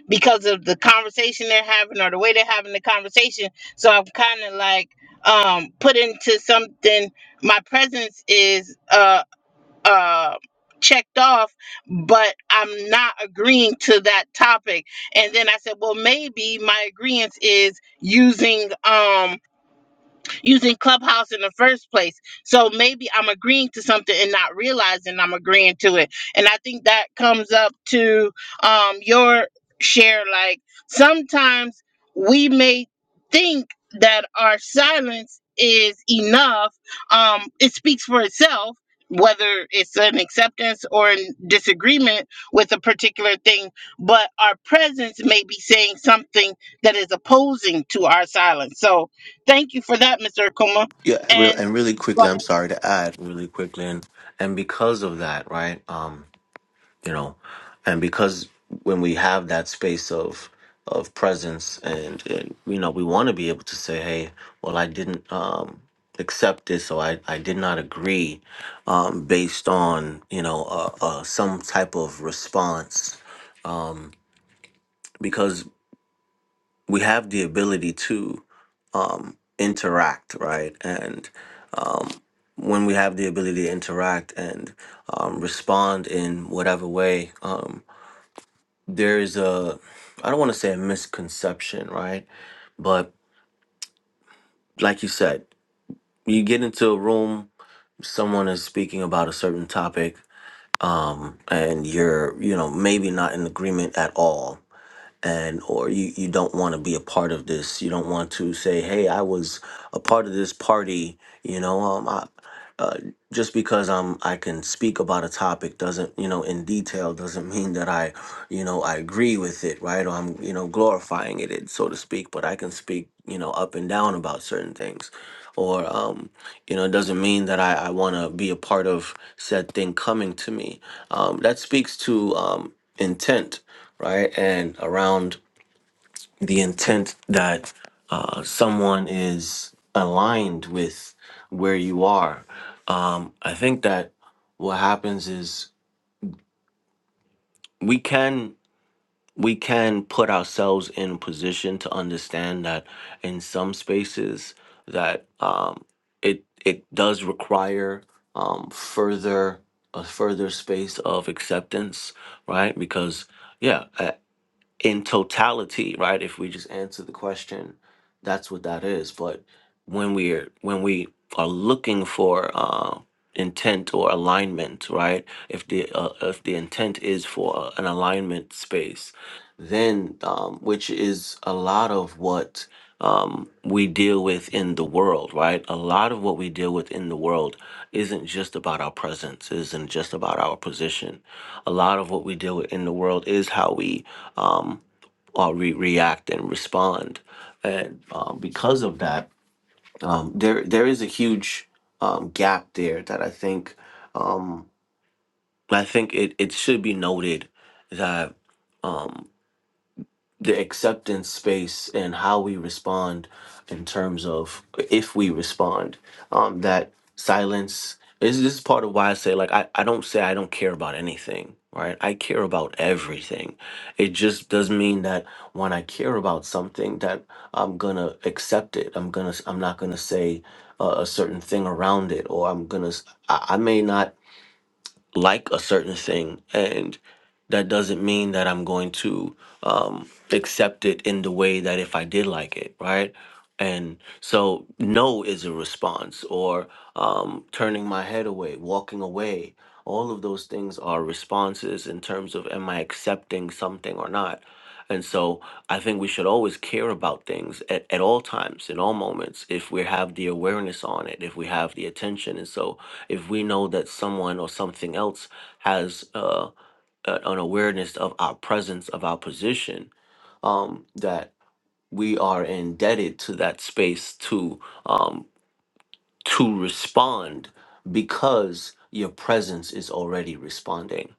because of the conversation they're having or the way they're having the conversation. So I'm kind of like um put into something. My presence is uh uh checked off, but I'm not agreeing to that topic. And then I said, well, maybe my agreement is using um using Clubhouse in the first place. So maybe I'm agreeing to something and not realizing I'm agreeing to it. And I think that comes up to um, your share. Like sometimes we may think that our silence is enough. Um, it speaks for itself. Whether it's an acceptance or in disagreement with a particular thing, but our presence may be saying something that is opposing to our silence. So, Thank you for that, Mr. Akuma. Yeah, re- And and really quickly, I'm well, sorry to add really quickly, and, and because of that, right? um, you know and because when we have that space of of presence and, and you know we want to be able to say hey well i didn't um accept this or i, I did not agree um based on you know uh, uh some type of response um, because we have the ability to um interact right and um when we have the ability to interact and um, respond in whatever way um, there's a I don't want to say a misconception, right? But like you said, you get into a room, someone is speaking about a certain topic, um, and you're you know maybe not in agreement at all and or you you don't want to be a part of this you don't want to say hey i was a part of this party you know um I, uh, just because i'm i can speak about a topic doesn't you know in detail doesn't mean that i you know i agree with it right or i'm you know glorifying it it- so to speak but i can speak you know up and down about certain things or um you know it doesn't mean that i i want to be a part of said thing coming to me um that speaks to um intent right? And around the intent that uh, someone is aligned with where you are. Um, I think that what happens is we can we can put ourselves in a position to understand that in some spaces that um, it it does require um, further a further space of acceptance, right? Because yeah, in totality, right? If we just answer the question, that's what that is. But when we're when we are looking for uh, intent or alignment, right? If the uh, if the intent is for an alignment space, then um, which is a lot of what um, we deal with in the world, right? A lot of what we deal with in the world isn't just about our presence, isn't just about our position. A lot of what we deal with in the world is how we um, or re- react and respond. And um, because of that, um, there there is a huge um, gap there that I think um, I think it, it should be noted that um, the acceptance space and how we respond in terms of if we respond um that silence is this is part of why i say like I, I don't say i don't care about anything right i care about everything it just does mean that when i care about something that i'm gonna accept it i'm gonna i'm not gonna say a, a certain thing around it or i'm gonna s- I, I may not like a certain thing and that doesn't mean that i'm going to um, accept it in the way that if i did like it right and so no is a response or um, turning my head away walking away all of those things are responses in terms of am i accepting something or not and so i think we should always care about things at, at all times in all moments if we have the awareness on it if we have the attention and so if we know that someone or something else has uh, a- an awareness of our presence, of our position, um, that we are indebted to that space to um, to respond because your presence is already responding.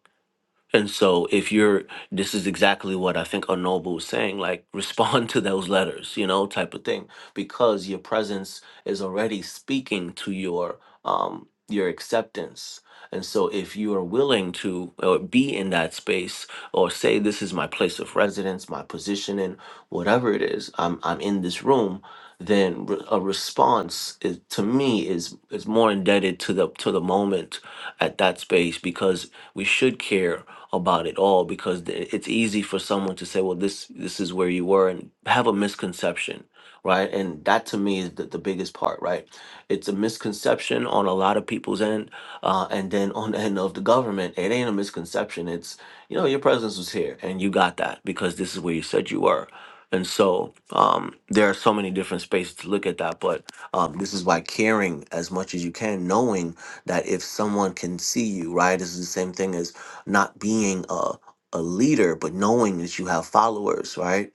And so if you're this is exactly what I think Onobu was saying, like respond to those letters, you know, type of thing. Because your presence is already speaking to your um your acceptance. And so if you are willing to uh be in that space or say this is my place of residence, my position in whatever it is, I'm I'm in this room, then re- a response is, to me is is more indebted to the to the moment at that space because we should care about it all because th- it's easy for someone to say, well, this this is where you were and have a misconception, right? And that to me is the, the biggest part, right? It's a misconception on a lot of people's end, uh, and then on the end of the government, it ain't a misconception. It's you know your presence was here and you got that because this is where you said you were. And so um, there are so many different spaces to look at that, but um, this is why caring as much as you can, knowing that if someone can see you, right? This is the same thing as not being a a leader but knowing that you have followers right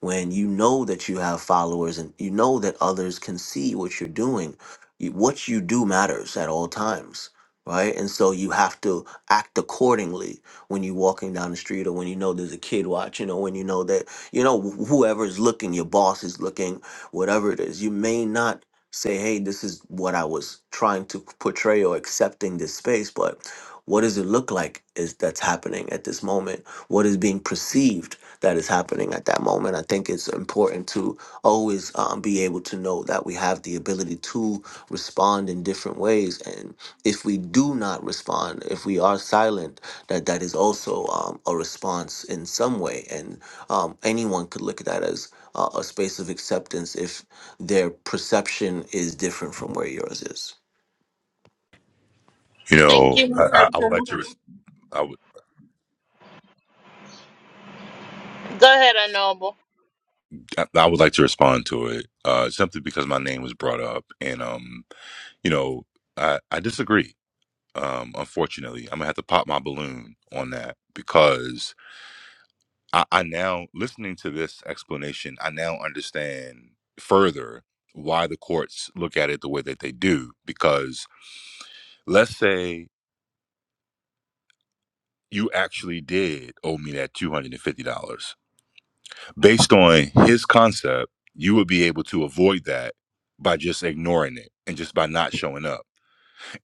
when you know that you have followers and you know that others can see what you're doing you, what you do matters at all times right and so you have to act accordingly when you're walking down the street or when you know there's a kid watching or when you know that you know wh- whoever's looking your boss is looking whatever it is you may not say hey this is what i was trying to portray or accepting this space but what does it look like is that's happening at this moment? What is being perceived that is happening at that moment? I think it's important to always um, be able to know that we have the ability to respond in different ways, and if we do not respond, if we are silent, that that is also um, a response in some way, and um, anyone could look at that as uh, a space of acceptance if their perception is different from where yours is. You thank know, you, I, I, Mr. I would like Akuma. to. res- I would. Go ahead, Honorable. I I would like to respond to it uh, simply because my name was brought up, and um, you know, I, I disagree. Um, unfortunately, I'm gonna have to pop my balloon on that because I, I now, listening to this explanation, I now understand further why the courts look at it the way that they do. Because let's say you actually did owe me that two hundred and fifty dollars based on his concept, you would be able to avoid that by just ignoring it and just by not showing up.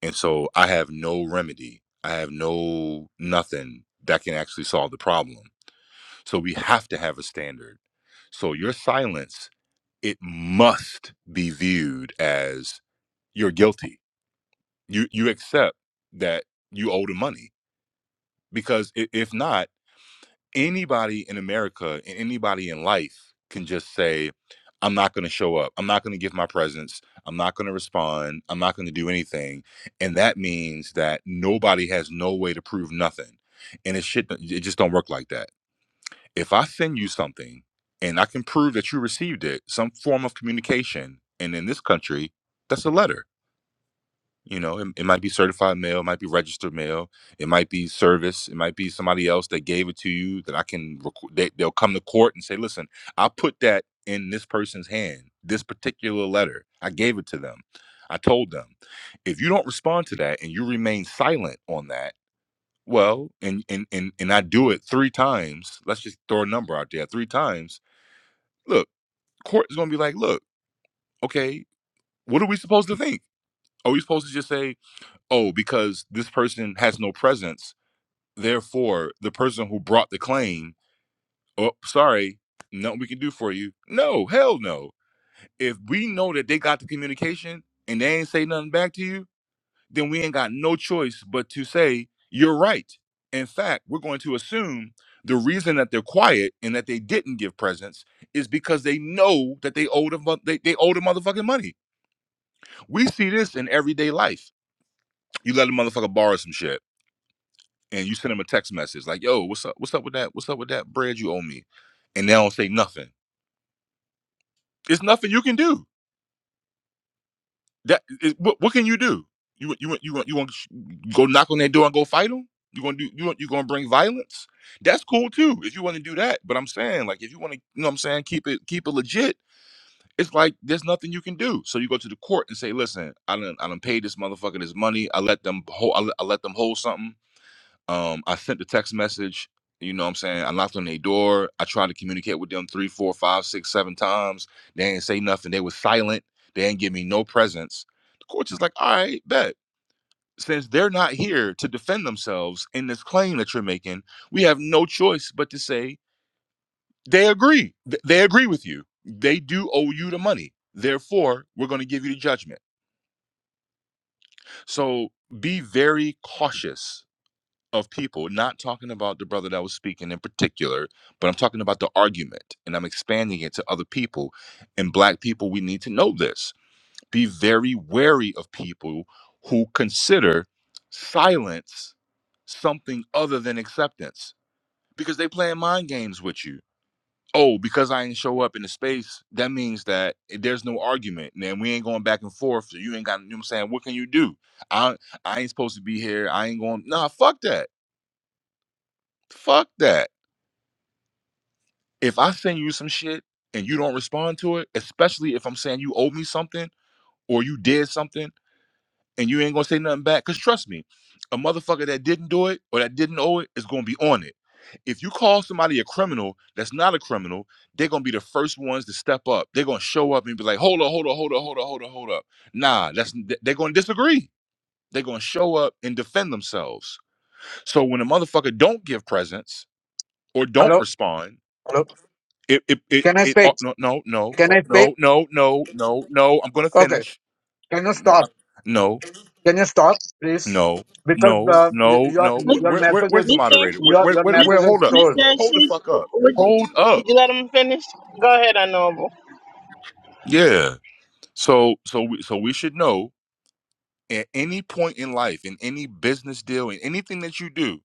And so I have no remedy. I have no nothing that can actually solve the problem. So we have to have a standard. So your silence, it must be viewed as you're guilty. You you accept that you owe the money because i- if not anybody in America and anybody in life can just say, I'm not going to show up. I'm not going to give my presence. I'm not going to respond. I'm not going to do anything. And that means that nobody has no way to prove nothing. And it shit, it just don't work like that. If I send you something and I can prove that you received it, some form of communication, and in this country, that's a letter you know, it, it might be certified mail, it might be registered mail, it might be service, it might be somebody else that gave it to you that I can. Rec- they, they'll come to court and say, "Listen, I put that in this person's hand. This particular letter, I gave it to them. I told them. If you don't respond to that and you remain silent on that, well, and and and and I do it three times. Let's just throw a number out there. Three times. Look, court is gonna be like, look, okay, what are we supposed to think? Are we supposed to just say? oh, because this person has no presence. Therefore, the person who brought the claim, oh, sorry, nothing we can do for you. No, hell no. If we know that they got the communication and they ain't say nothing back to you, then we ain't got no choice but to say, you're right. In fact, we're going to assume the reason that they're quiet and that they didn't give presents is because they know that they owe the, mo- they, they owe the motherfucking money. We see this in everyday life. You let a motherfucker borrow some shit and you send them a text message like, "Yo, what's up? What's up with that? What's up with that bread you owe me?" And they don't say nothing. It's nothing you can do. That is, what, what can you do? You want- you want- you want you want go knock on their door and go fight them? You gonna do you want you gonna bring violence? That's cool too if you want to do that. But I'm saying like if you want to, you know, what I'm saying keep it keep it legit. It's like there's nothing you can do. So you go to the court and say, "Listen, I don't I don't pay this motherfucker this money. I let them hold I let I let them hold something." Um, I sent the text message, you know what I'm saying? I knocked on their door. I tried to communicate with them three, four, five, six, seven times. They didn't say nothing. They was silent. They didn't give me no presents. The court is like, all right, bet. Since they're not here to defend themselves in this claim that you're making, we have no choice but to say they agree. Th- They agree with you. They do owe you the money. Therefore, we're going to give you the judgment. So be very cautious of people, not talking about the brother that was speaking in particular, but I'm talking about the argument and I'm expanding it to other people. And black people, we need to know this. Be very wary of people who consider silence something other than acceptance because they playing mind games with you. Oh, because I ain't show up in the space, that means that there's no argument. And we ain't going back and forth. So you ain't got, you know what I'm saying? What can you do? I I ain't supposed to be here. I ain't going, nah, fuck that. Fuck that if I send you some shit and you don't respond to it, especially if I'm saying you owe me something or you did something and you ain't gonna say nothing back, because trust me, a motherfucker that didn't do it or that didn't owe it is gonna be on it. If you call somebody a criminal that's not a criminal, they're gonna be the first ones to step up. They're gonna show up and be like, hold up, hold up, hold up, hold up, hold up, hold up. Nah, that's they're gonna disagree. They're gonna show up and defend themselves. So when a motherfucker don't give presents or don't Hello, respond, hello. It it it, Can I it oh, speak? no no no Can I speak? no no no no no. I'm gonna Okay. finish. Can you stop? Uh, No Can you stop, please? no Because no uh, y- no your no. Miss Wh- your Where, where message where's the is Miss moderator? Where, Ashes, your where your where Miss message where? is Hold up. told. Miss Hold the Ashes, fuck up. would you, Hold up. you let him finish? Go ahead, Honorable. Yeah. So so we so we should know at any point in life, in any business deal, in anything that you do.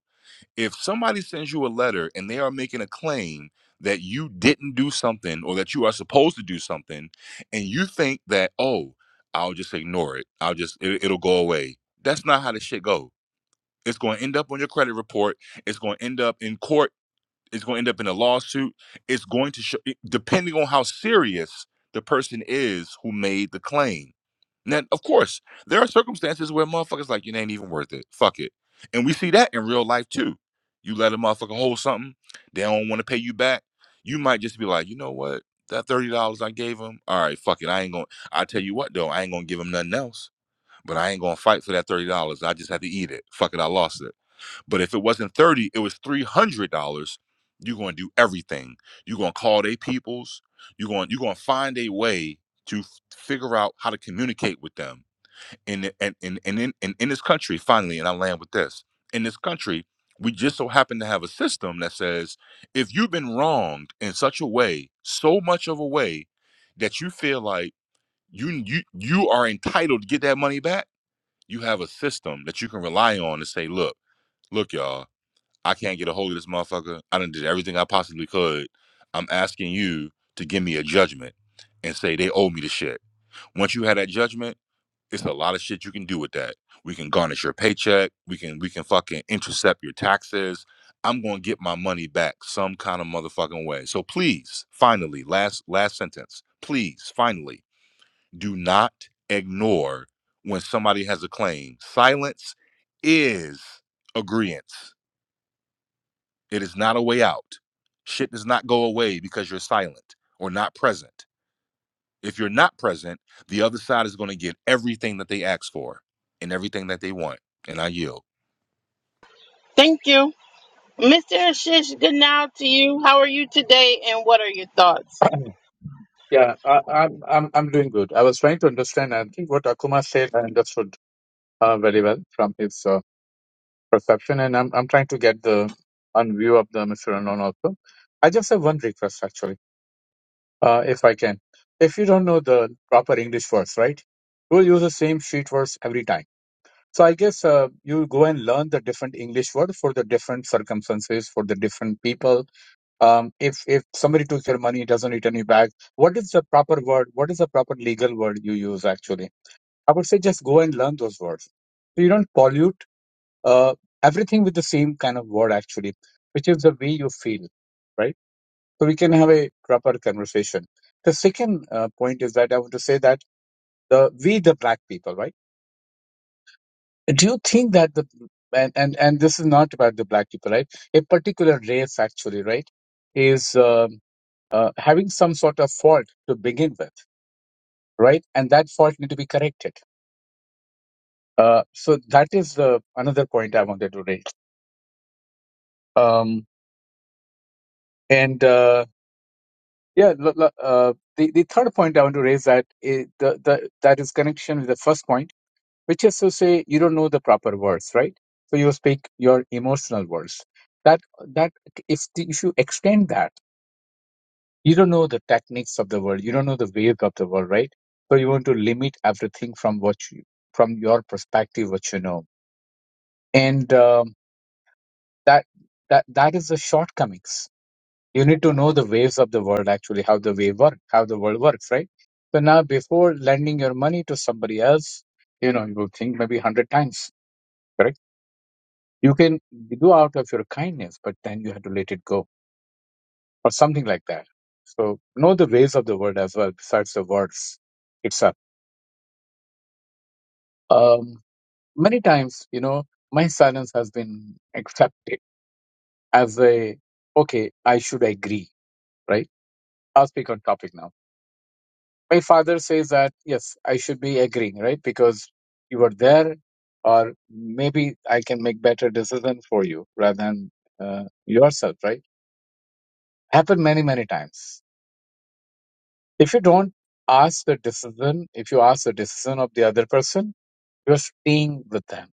if somebody sends you a letter and they are making a claim that you didn't do something or that you are supposed to do something and you think that oh i'll just ignore it i'll just it, it'll go away that's not how this shit go it's going to end up on your credit report it's going to end up in court it's going to end up in a lawsuit it's going to show depending on how serious the person is who made the claim now, of course, there are circumstances where motherfuckers like you ain't even worth it. Fuck it. And we see that in real life too. You let a motherfucker hold something, they don't want to pay you back. You might just be like, you know what? That thirty dollars I gave him, all right, fuck it. I ain't gonna. I tell you what though, I ain't gonna give him nothing else. But I ain't gonna fight for that thirty dollars. I just had to eat it. Fuck it, I lost it. But if it wasn't thirty, it was three hundred dollars. You're gonna do everything. You're gonna call they peoples. You're going. You're gonna find a way to f- figure out how to communicate with them in and in in, in, in in this country finally and i land with this in this country we just so happen to have a system that says if you've been wronged in such a way so much of a way that you feel like you you you are entitled to get that money back you have a system that you can rely on to say look look y'all i can't get a hold of this motherfucker i done did everything i possibly could i'm asking you to give me a judgment and say they owe me the shit once you have that judgment it's a lot of shit you can do with that. We can garnish your paycheck. We can we can fucking intercept your taxes. I'm gonna get my money back some kind of motherfucking way. So please, finally, last last sentence. Please, finally, do not ignore when somebody has a claim. Silence is agreement. It is not a way out. Shit does not go away because you're silent or not present. If you're not present, the other side is going to get everything that they ask for and everything that they want. And I yield. Thank you, Mr. Ashish. Good now to you. How are you today, and what are your thoughts? Yeah, I, I'm I'm I'm doing good. I was trying to understand. I think what Akuma said, I understood uh, very well from his uh, perception, and I'm I'm trying to get the on view of the Mr. Unknown also. I just have one request actually, uh, if I can. If you don't know the proper English words, right? We'll use the same sheet words every time So I guess uh, you go and learn the different English word for the different circumstances for the different people. Um, if if somebody took your money, doesn't return you back. What is the proper word? What is the proper legal word you use? Actually, I would say just go and learn those words. So you don't pollute uh, everything with the same kind of word actually, which is the way you feel, right? So we can have a proper conversation. The second uh, point is that I want to say that the we the black people, right? do you think that the and, and and this is not about the black people right a particular race actually right is um, uh, having some sort of fault to begin with right and that fault need to be corrected uh, so that is the another point i wanted to raise um, and uh, yeah l- l- uh, the, the third point i want to raise that is the, the that is connection with the first point which is to say you don't know the proper words right so you speak your emotional words that that if, the- if you extend that you don't know the techniques of the world you don't know the ways of the world right so you want to limit everything from what you from your perspective what you know and um, that that that is the shortcomings you need to know the waves of the world actually how the wave work how the world works right so now before lending your money to somebody else you know you will think maybe 100 times correct You can do out of your kindness, but then you have to let it go or something like that. So know the ways of the word as well, besides the words itself. Um, many times, you know, my silence has been accepted as a, okay, I should agree, right? I'll speak on topic now. My father says that, yes, I should be agreeing, right? Because you were there or maybe I can make better decision for you rather than uh, yourself, right? Happened many, many times If you don't ask the decision, if you ask the decision of the other person, you're staying with them.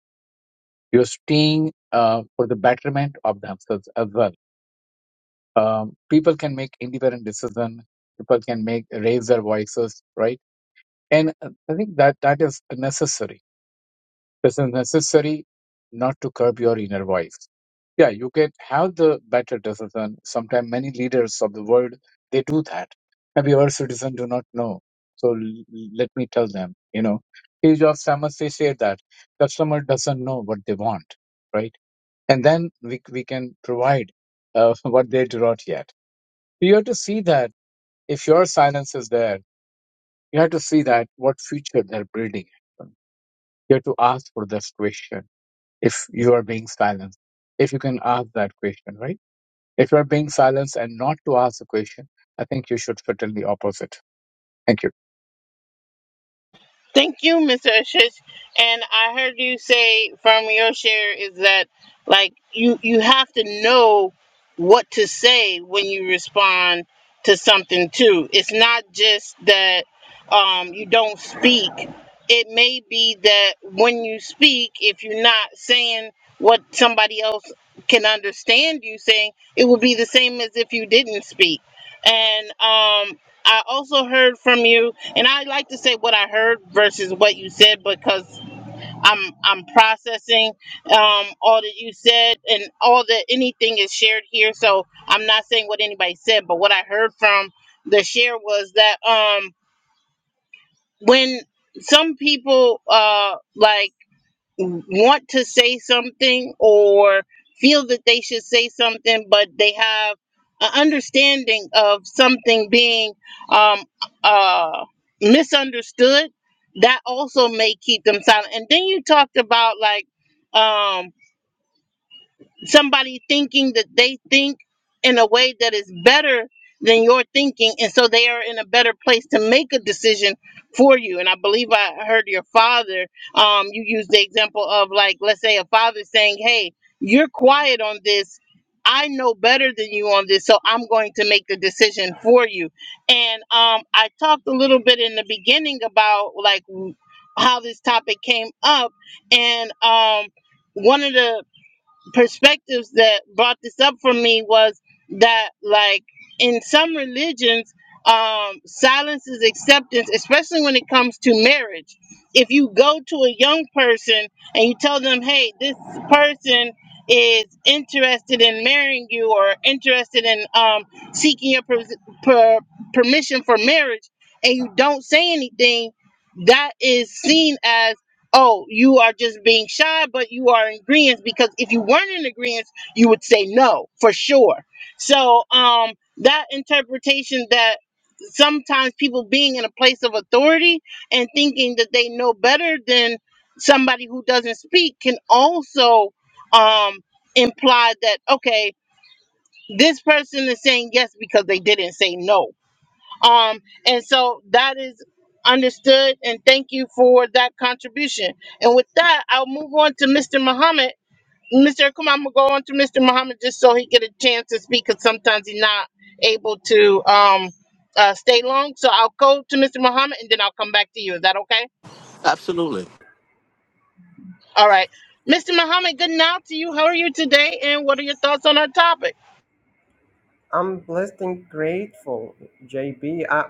You're staying uh, for the betterment of themselves as well. Um, people can make independent decision. People can make raise their voices, right? And uh, I think that that is necessary. This is necessary not to curb your inner voice Yeah, you can have the better decision. Sometimes many leaders of the world they do that. Maybe our citizen do not know. So l- let me tell them. You know, Steve Jobs famous, they say that customer doesn't know what they want, right? And then we we can provide uh, what they do not yet. You have to see that if your silence is there, you have to see that what future they're building. You have to ask for this question. If you are being silenced, if you can ask that question, right? If you are being silenced and not to ask the question, I think you should fit in the opposite. Thank you. Thank you, Mr. Ashish. And I heard you say from your share is that like you you have to know what to say when you respond to something too. It's not just that um, you don't speak. It may be that when you speak, if you're not saying what somebody else can understand you saying, it will be the same as if you didn't speak. And um, I also heard from you and I like to say what I heard versus what you said because I'm I'm processing um, all that you said and all that anything is shared here. So I'm not saying what anybody said, but what I heard from the share was that um, when some people uh, like want to say something or feel that they should say something, but they have an understanding of something being um, uh, misunderstood, that also may keep them silent. And then you talked about like um, somebody thinking that they think in a way that is better than your thinking and so they are in a better place to make a decision for you and i believe i heard your father um you used the example of like let's say a father saying hey you're quiet on this i know better than you on this so i'm going to make the decision for you and um i talked a little bit in the beginning about like how this topic came up and um one of the perspectives that brought this up for me was that like in some religions um silence is acceptance especially when it comes to marriage if you go to a young person and you tell them hey this person is interested in marrying you or interested in um seeking your per- per- permission for marriage and you don't say anything that is seen as oh, you are just being shy, but you are in agreement because if you weren't in agreement, you would say no for sure. So um, that interpretation that sometimes people being in a place of authority and thinking that they know better than somebody who doesn't speak can also um, imply that okay, this person is saying yes because they didn't say no um, and so that is understood, and thank you for that contribution. And with that, I'll move on to Mr. Muhammad. Mr. Akuma, I'm gonna go on to Mr. Muhammad just so he get a chance to speak, because sometimes he's not able to um uh, stay long. So I'll go to Mr. Muhammad, and then I'll come back to you. Is that okay? Absolutely. All right, Mr. Muhammad. Good now to you. How are you today? And what are your thoughts on our topic? I'm blessed and grateful, JB. Uh,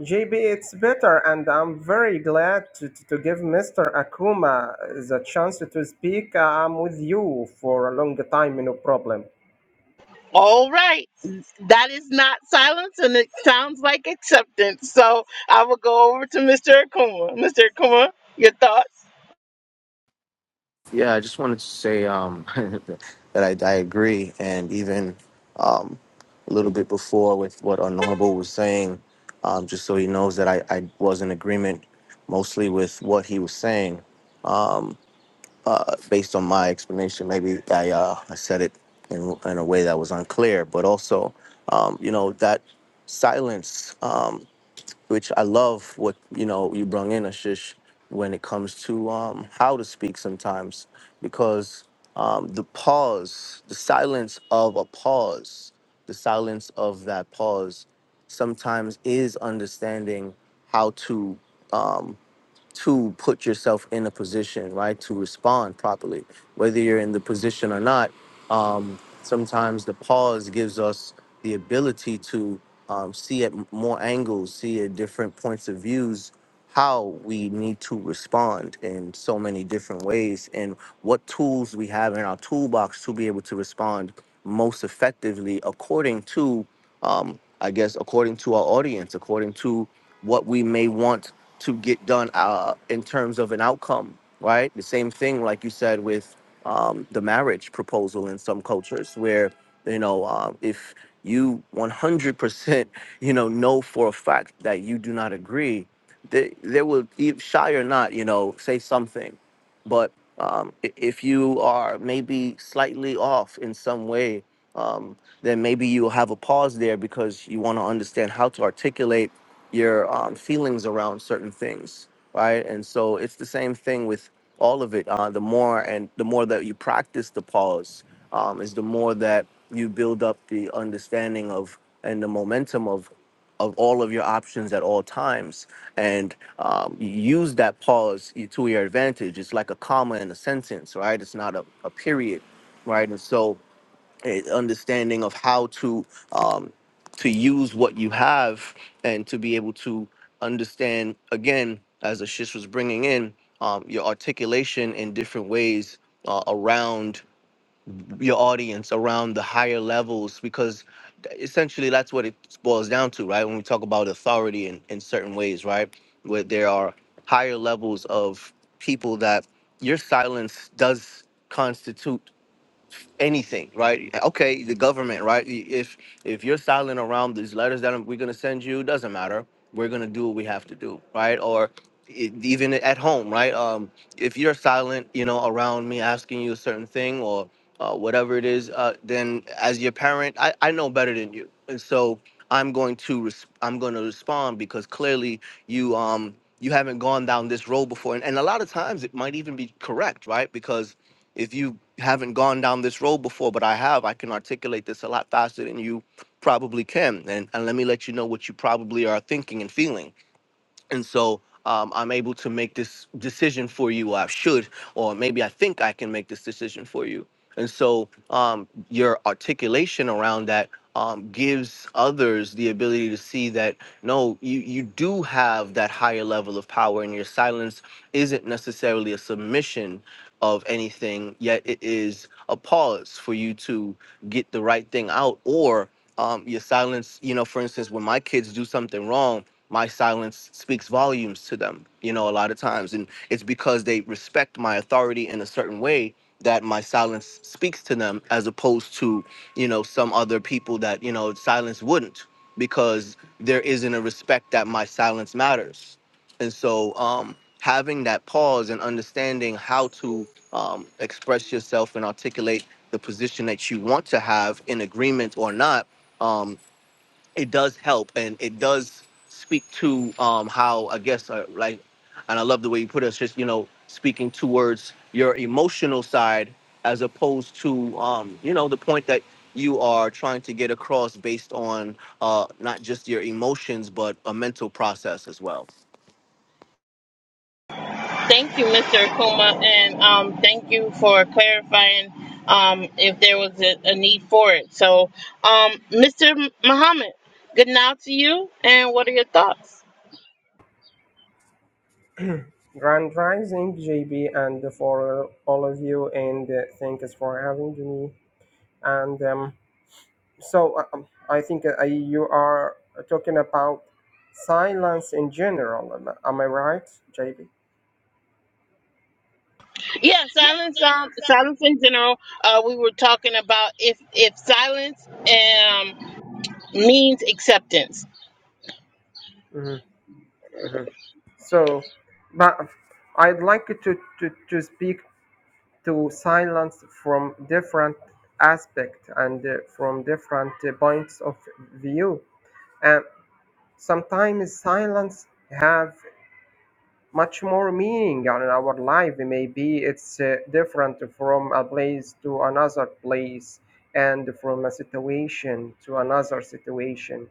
JB, it's better, and I'm very glad to, to, to give Mr. Akuma the chance to speak. Uh, I'm with you for a long time, no problem. All right. That is not silence and it sounds like acceptance. So I will go over to Mr. Akuma. Mr. Akuma, your thoughts? Yeah, I just wanted to say um, that I, I agree, and even um, a little bit before with what Honorable was saying, um, just so he knows that I, I was in agreement mostly with what he was saying. Uh, based on my explanation, maybe I, uh, I said it in, in a way that was unclear, but also, um, you know, that silence. Um, which I love what you know you brought in Ashish when it comes to um, how to speak sometimes because um, the pause, the silence of a pause, the silence of that pause sometimes is understanding how to um, to put yourself in a position, right, to respond properly, whether you're in the position or not. Um, sometimes the pause gives us the ability to um, see at more angles, see at different points of views how we need to respond in so many different ways and what tools we have in our toolbox to be able to respond most effectively according to um, i guess according to our audience according to what we may want to get done uh, in terms of an outcome, right? The same thing, like you said, with um, the marriage proposal in some cultures, where you know uh, if you 100% you know know for a fact that you do not agree, they they will e- shy or not, you know, say something, but um, i- if you are maybe slightly off in some way. Um, then maybe you'll have a pause there because you want to understand how to articulate your um, feelings around certain things, right? And so it's the same thing with all of it. Uh, the more and the more that you practice the pause, um, is the more that you build up the understanding of and the momentum of of all of your options at all times, and um, you use that pause to your advantage. It's like a comma in a sentence, right? It's not a, a period, right? And so a understanding of how to um, to use what you have and to be able to understand again as Ashish was bringing in um, your articulation in different ways uh, around your audience around the higher levels because essentially that's what it boils down to right when we talk about authority in, in certain ways right where there are higher levels of people that your silence does constitute anything, right? Okay, the government, right? If if you're silent around these letters that we're gonna send you, doesn't matter. We're gonna do what we have to do, right? Or e- even at home, right? Um, if you're silent, you know, around me asking you a certain thing or uh, whatever it is, uh, then as your parent, I, I know better than you, and so I'm going to res- I'm going to respond because clearly you um you haven't gone down this road before, and, and a lot of times it might even be correct, right? Because if you haven't gone down this road before, but I have, I can articulate this a lot faster than you probably can. And, and let me let you know what you probably are thinking and feeling and so um, I'm able to make this decision for you. Or I should, or maybe I think I can make this decision for you. And so um, your articulation around that um, gives others the ability to see that no, you you do have that higher level of power, and your silence isn't necessarily a submission of anything, yet it is a pause for you to get the right thing out, or um, your silence. You know, for instance, when my kids do something wrong my silence speaks volumes to them you know a lot of times and it's because they respect my authority in a certain way that my silence speaks to them as opposed to you know some other people that you know silence wouldn't because there isn't a respect that my silence matters and so um having that pause and understanding how to um, express yourself and articulate the position that you want to have in agreement or not um, it does help and it does speak to um how i guess uh, like and i love the way you put it it's just you know speaking towards your emotional side as opposed to um you know the point that you are trying to get across based on uh not just your emotions but a mental process as well Thank you, Mr. Akuma, and um, thank you for clarifying um, if there was a, a need for it. So, um, Mr. Muhammad, good now to you, and what are your thoughts? Grand Rising, JB, and for all of you, and uh, thanks for having me. And um, so uh, um, I think uh, you are talking about silence in general. Am am I right, JB? Yeah, silence. Um, silence in general. Uh, we were talking about if if silence um means acceptance. Mm-hmm. mm-hmm. So, but I'd like to, to, to speak to silence from different aspect and uh, from different uh, points of view. And sometimes silence have much more meaning on our life maybe it's uh, different from a place to another place and from a situation to another situation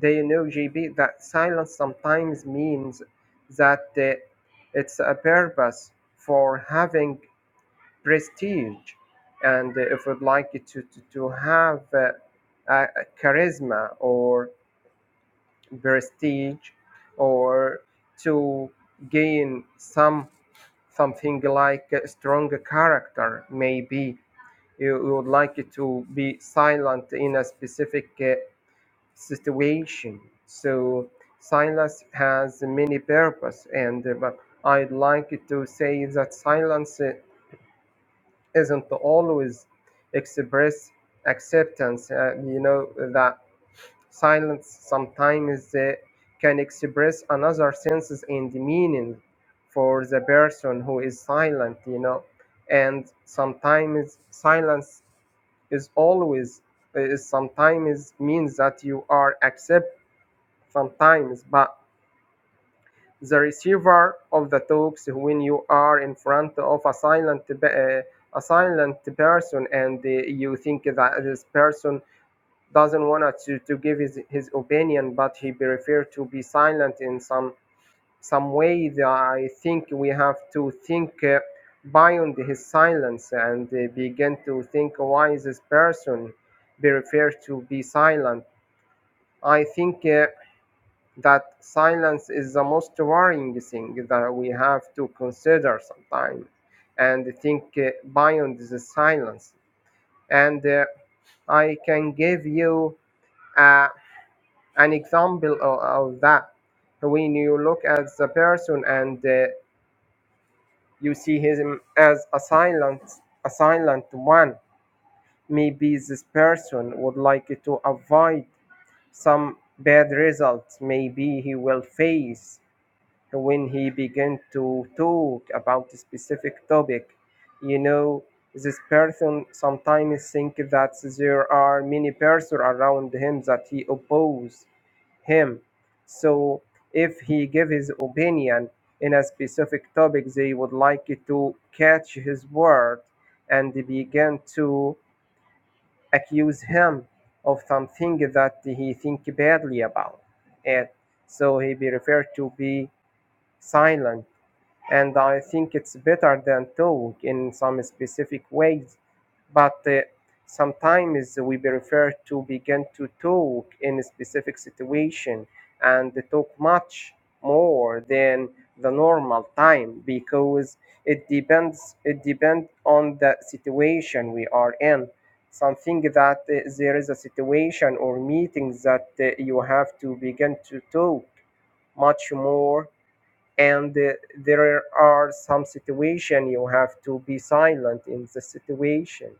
do you know jb that silence sometimes means that uh, it's a purpose for having prestige and uh, if we'd like to, to, to have uh, a a charisma or prestige or to gain some something like a strong character maybe you you would like it to be silent in a specific uh, situation so silence has many purpose and uh, but i'd like to say that silence uh, isn't always express acceptance uh, you know that Silence sometimes uh, can express another senses and meaning for the person who is silent, you know. And sometimes silence is always is sometimes means that you are accept sometimes, but the receiver of the talks when you are in front of a silent pe- uh, a silent person and uh, you think that this person doesn't want to, to give his, his opinion, but he preferred to be silent in some some way. That I think we have to think uh, beyond his silence and uh, begin to think why this person preferred to be silent. I think uh, that silence is the most worrying thing that we have to consider sometimes and think uh, beyond the silence. And uh, I can give you a an example of, of that when you look at the person and uh, you see him as a silent a silent one maybe this person would like to avoid some bad results maybe he will face when he begin to talk about a specific topic you know this person sometimes think that there are many persons around him that he oppose him. So if he give his opinion in a specific topic, they would like it to catch his word and begin to accuse him of something that he think badly about it. So he be referred to be silent and I think it's better than talk in some specific ways. But uh, sometimes we prefer to begin to talk in a specific situation and talk much more than the normal time because it depends it depends on the situation we are in something that uh, there is a situation or meeting that uh, you have to begin to talk much more and uh, there are some situation you have to be silent in the situation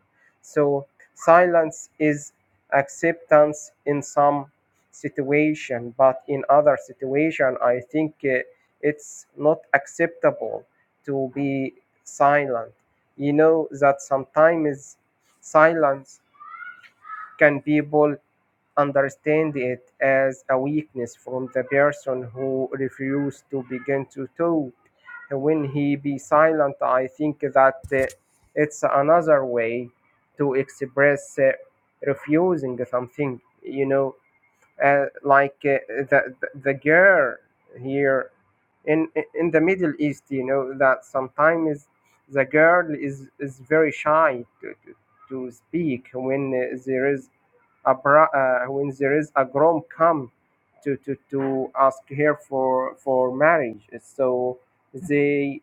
so silence is acceptance in some situation but in other situation i think uh, it's not acceptable to be silent you know that sometimes silence can people understand it as a weakness from the person who refused to begin to talk. When he be silent, I think that uh, it's another way to express uh, refusing something, you know, uh, like uh, the, the, the girl here in, in the Middle East, you know, that sometimes the girl is, is very shy to, to, to speak when uh, there is a bra- uh, when there is a groom come to, to, to ask her for for marriage so they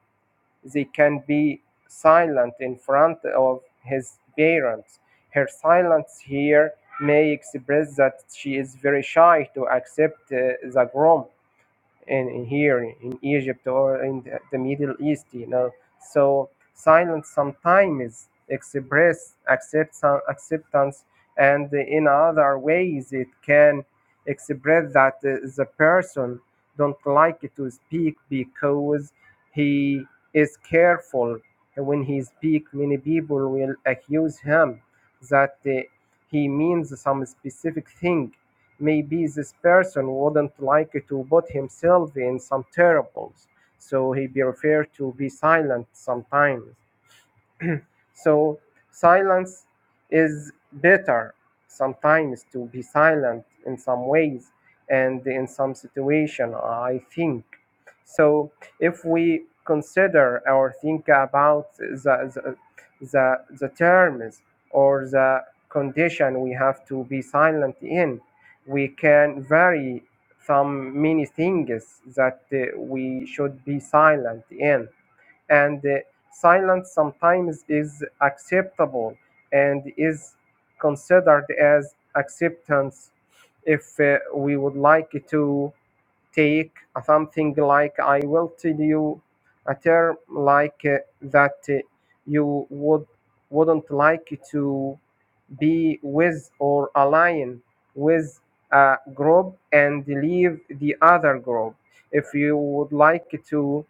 they can be silent in front of his parents her silence here may express that she is very shy to accept uh, the groom in, in here in Egypt or in the, the Middle East, you know. So silence sometimes express acceptance, acceptance, and in other ways it can express that uh, the person don't like to speak because he is careful when he speak. Many people will accuse him that uh, he means some specific thing Maybe this person wouldn't like to put himself in some troubles, so he preferred to be silent sometimes. So silence is better sometimes to be silent in some ways and in some situation, I think. So if we consider or think about the, the, the, the terms or the condition we have to be silent in, we can vary some many things that uh, we should be silent in and uh, silence sometimes is acceptable and is considered as acceptance if uh, we would like to take something like i will tell you a term like uh, that uh, you would wouldn't like to be with or align with a group and leave the other group. If you would like to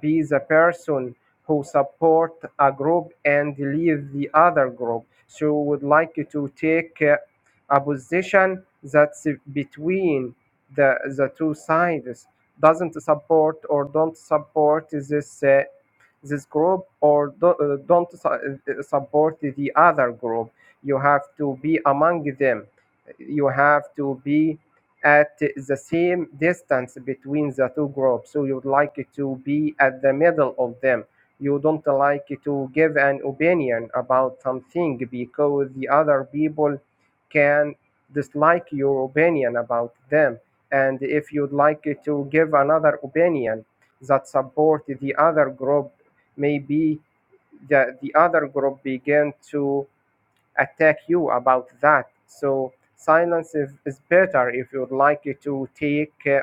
be the person who support a group and leave the other group, so you would like to take uh, a position that's between the the two sides doesn't support or don't support this uh, this group or do, uh, don't su- uh, support the other group you have to be among them you have to be at the same distance between the two groups so you'd like to be at the middle of them you don't like to give an opinion about something because the other people can dislike your opinion about them and if you'd like to give another opinion that support the other group maybe the, the other group begin to attack you about that. So silence is, is better if you would like to take uh,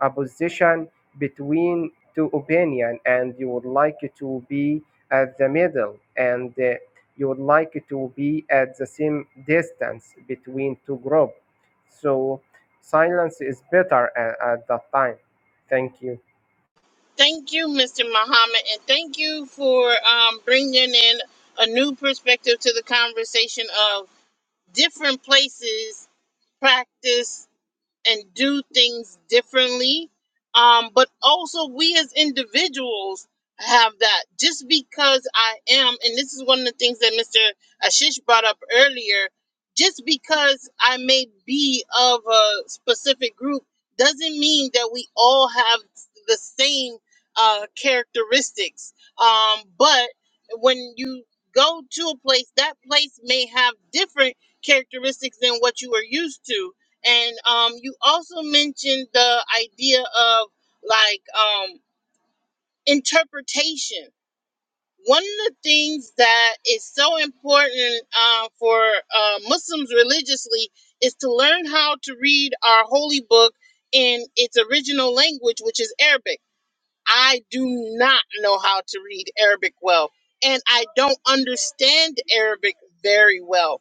a position between two opinion and you would like to be at the middle and uh, you would like to be at the same distance between two groups. So silence is better at, at that time. Thank you. Thank you, Mr. Muhammad, and thank you for um, bringing in a new perspective to the conversation of different places practice and do things differently. Um, but also, we as individuals have that. Just because I am, and this is one of the things that Mr. Ashish brought up earlier, just because I may be of a specific group doesn't mean that we all have the same uh, characteristics. Um, but when you go to a place, that place may have different characteristics than what you are used to and um, you also mentioned the idea of like um, interpretation. One of the things that is so important uh, for uh, Muslims religiously is to learn how to read our holy book in its original language, which is Arabic. I do not know how to read Arabic well, and I don't understand Arabic very well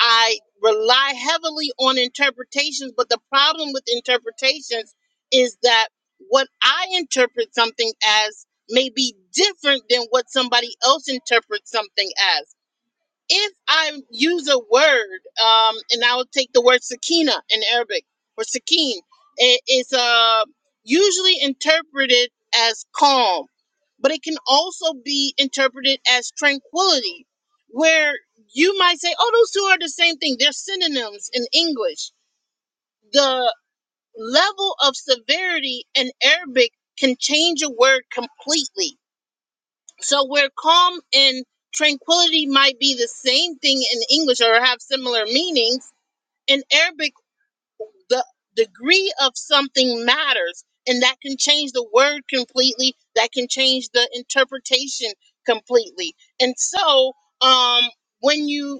I rely heavily on interpretations, but the problem with interpretations is that what I interpret something as may be different than what somebody else interprets something as if I use a word, um, and I will take the word sakina in Arabic or sakin, it is uh, usually interpreted as calm, but it can also be interpreted as tranquility, where you might say, oh, those two are the same thing. They're synonyms in English. The level of severity in Arabic can change a word completely so where calm and tranquility might be the same thing in English or have similar meanings, in Arabic the degree of something matters and that can change the word completely, that can change the interpretation completely. And so um when you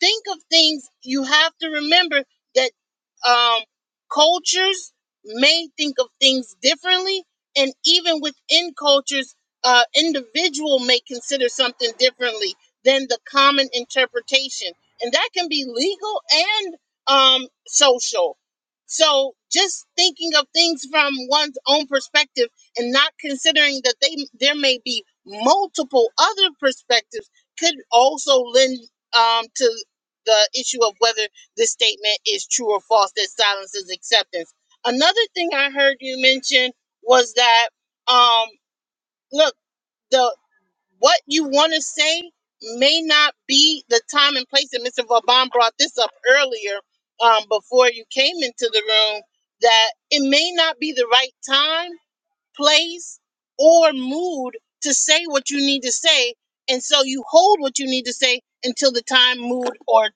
think of things, you have to remember that um, cultures may think of things differently, and even within cultures, uh, individual may consider something differently than the common interpretation, and that can be legal and um, social. So, just thinking of things from one's own perspective and not considering that they there may be multiple other perspectives could also lend um, to the issue of whether this statement is true or false that silences acceptance. Another thing I heard you mention was that um look the what you want to say may not be the time and place and Mr. Vauban brought this up earlier um before you came into the room that it may not be the right time place or mood to say what you need to say and so you hold what you need to say until the time mood or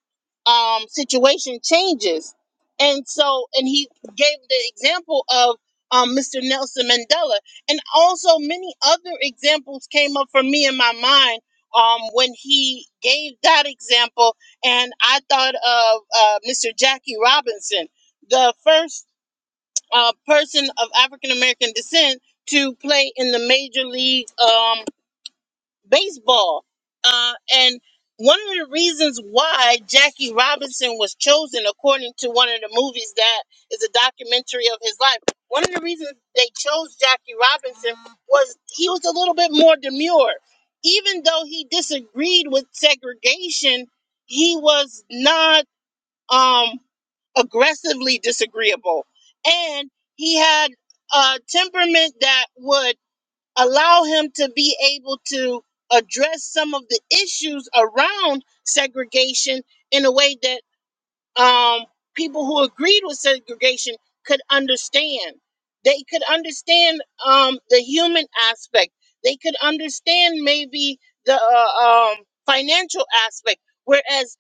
um, situation changes and so and he gave the example of um, mr nelson mandela and also many other examples came up for me in my mind um, when he gave that example and i thought of uh, mr jackie robinson the first uh, person of African American descent to play in the Major League um, Baseball. Uh, and one of the reasons why Jackie Robinson was chosen, according to one of the movies that is a documentary of his life, one of the reasons they chose Jackie Robinson was he was a little bit more demure. Even though he disagreed with segregation, he was not um aggressively disagreeable and he had a temperament that would allow him to be able to address some of the issues around segregation in a way that um, people who agreed with segregation could understand they could understand um, the human aspect they could understand maybe the uh, um, financial aspect whereas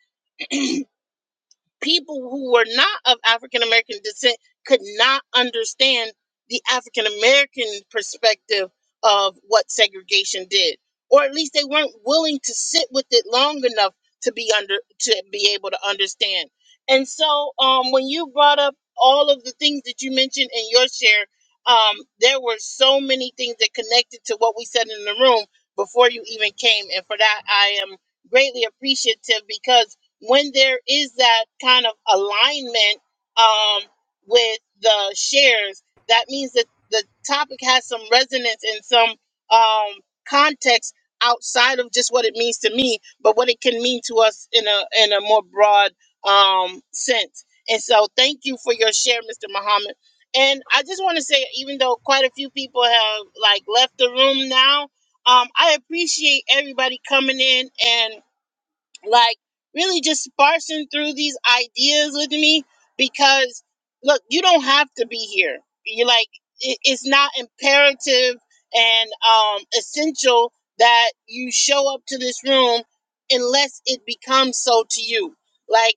people who were not of African American descent could not understand the African American perspective of what segregation did, or at least they weren't willing to sit with it long enough to be under to be able to understand. And so, um, when you brought up all of the things that you mentioned in your share, um, there were so many things that connected to what we said in the room before you even came, and for that I am greatly appreciative because when there is that kind of alignment um, with the shares, that means that the topic has some resonance and some um, context outside of just what it means to me, but what it can mean to us in a in a more broad um, sense. And so, thank you for your share, Mr. Muhammad. And I just want to say, even though quite a few people have like left the room now, um, I appreciate everybody coming in and like really just sparsing through these ideas with me because look you don't have to be here you're like it, it's not imperative and um essential that you show up to this room unless it becomes so to you like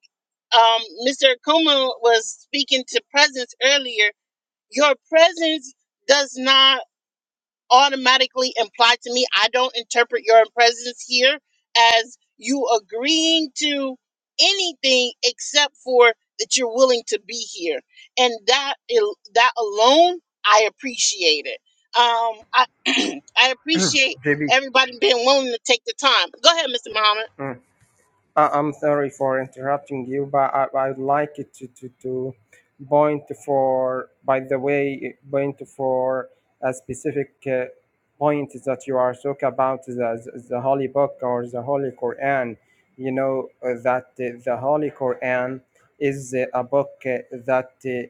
um mr Akuma was speaking to presence earlier your presence does not automatically imply to me I don't interpret your presence here as you agreeing to anything except for that you're willing to be here. And that al- that alone I appreciate it. Um I I appreciate everybody being willing to take the time. Go ahead, Mr. Muhammad. Mm. I- I'm sorry for interrupting you, but I, I'd like it to, to, to point for, by the way, point for a specific uh, point that you are talking about the, the Holy Book or the Holy Quran. You know uh, that uh, the Holy Quran is uh, a book uh, that uh,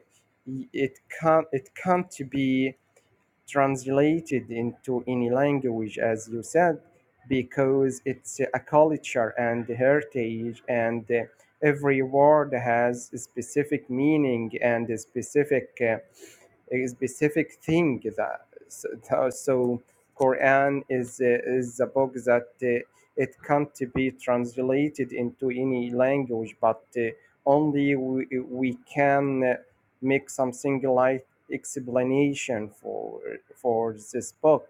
it can't it can't be translated into any language, as you said, because it's a culture and heritage, and uh, every word has a specific meaning and a specific uh, a specific thing that so, so Quran is uh, is a book that uh, it can't be translated into any language, but uh, only we, we can uh, make something like explanation for for this book.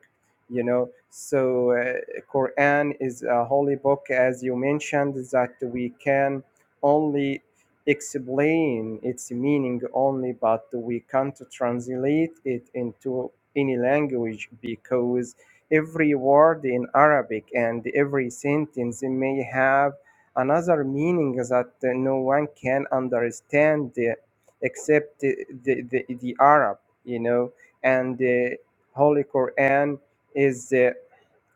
You know, so uh, Quran is a holy book, as you mentioned, that we can only explain its meaning only, but we can't translate it into any language because every word in Arabic and every sentence may have another meaning that no one can understand uh, except the, the, the, the Arab, you know, and the Holy Quran is. uh,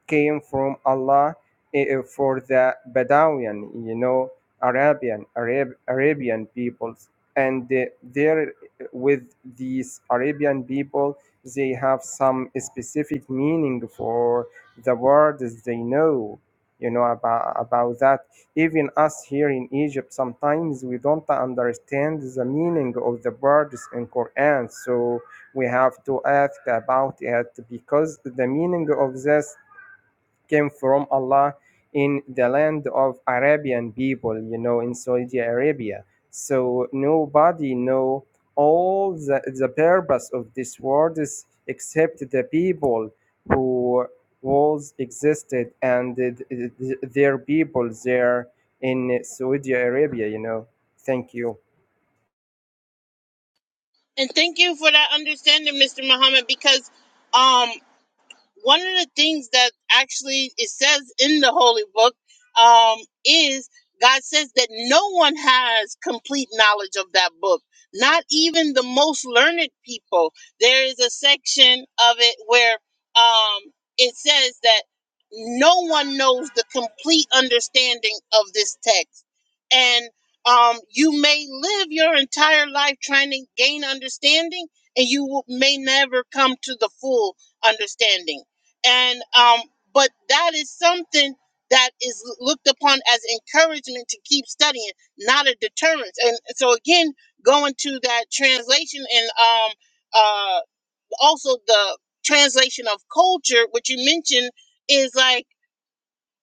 came from Allah eh, eh, for the Badawian, you know, Arabian Arab, Arabian peoples, and eh, there eh, with these Arabian people, they have some specific meaning for the words they know. You know about about that. Even us here in Egypt, sometimes we don't understand the meaning of the words in Quran. So we have to ask about it because the meaning of this came from Allah in the land of Arabian people, you know, in Saudi Arabia. So nobody know all the, the purpose of this world is except the people who was existed and th- th- th- their people there in Saudi Arabia, you know. Thank you. And thank you for that understanding, Mr. Muhammad, because um one of the things that actually it says in the holy book um, is god says that no one has complete knowledge of that book not even the most learned people there is a section of it where um, it says that no one knows the complete understanding of this text and um, you may live your entire life trying to gain understanding and you will- may never come to the full understanding and um, but that is something that is looked upon as encouragement to keep studying, not a deterrence. And so again, going to that translation and um, uh, also the translation of culture, which you mentioned, is like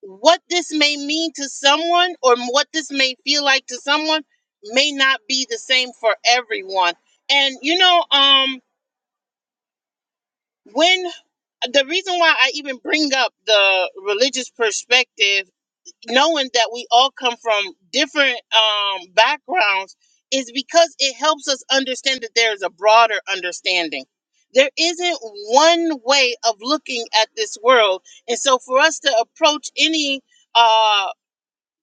what this may mean to someone or what this may feel like to someone may not be the same for everyone. And you know, um, when the reason why I even bring up the religious perspective, knowing that we all come from different um, backgrounds, is because it helps us understand that there is a broader understanding. There isn't one way of looking at this world, and so for us to approach any uh,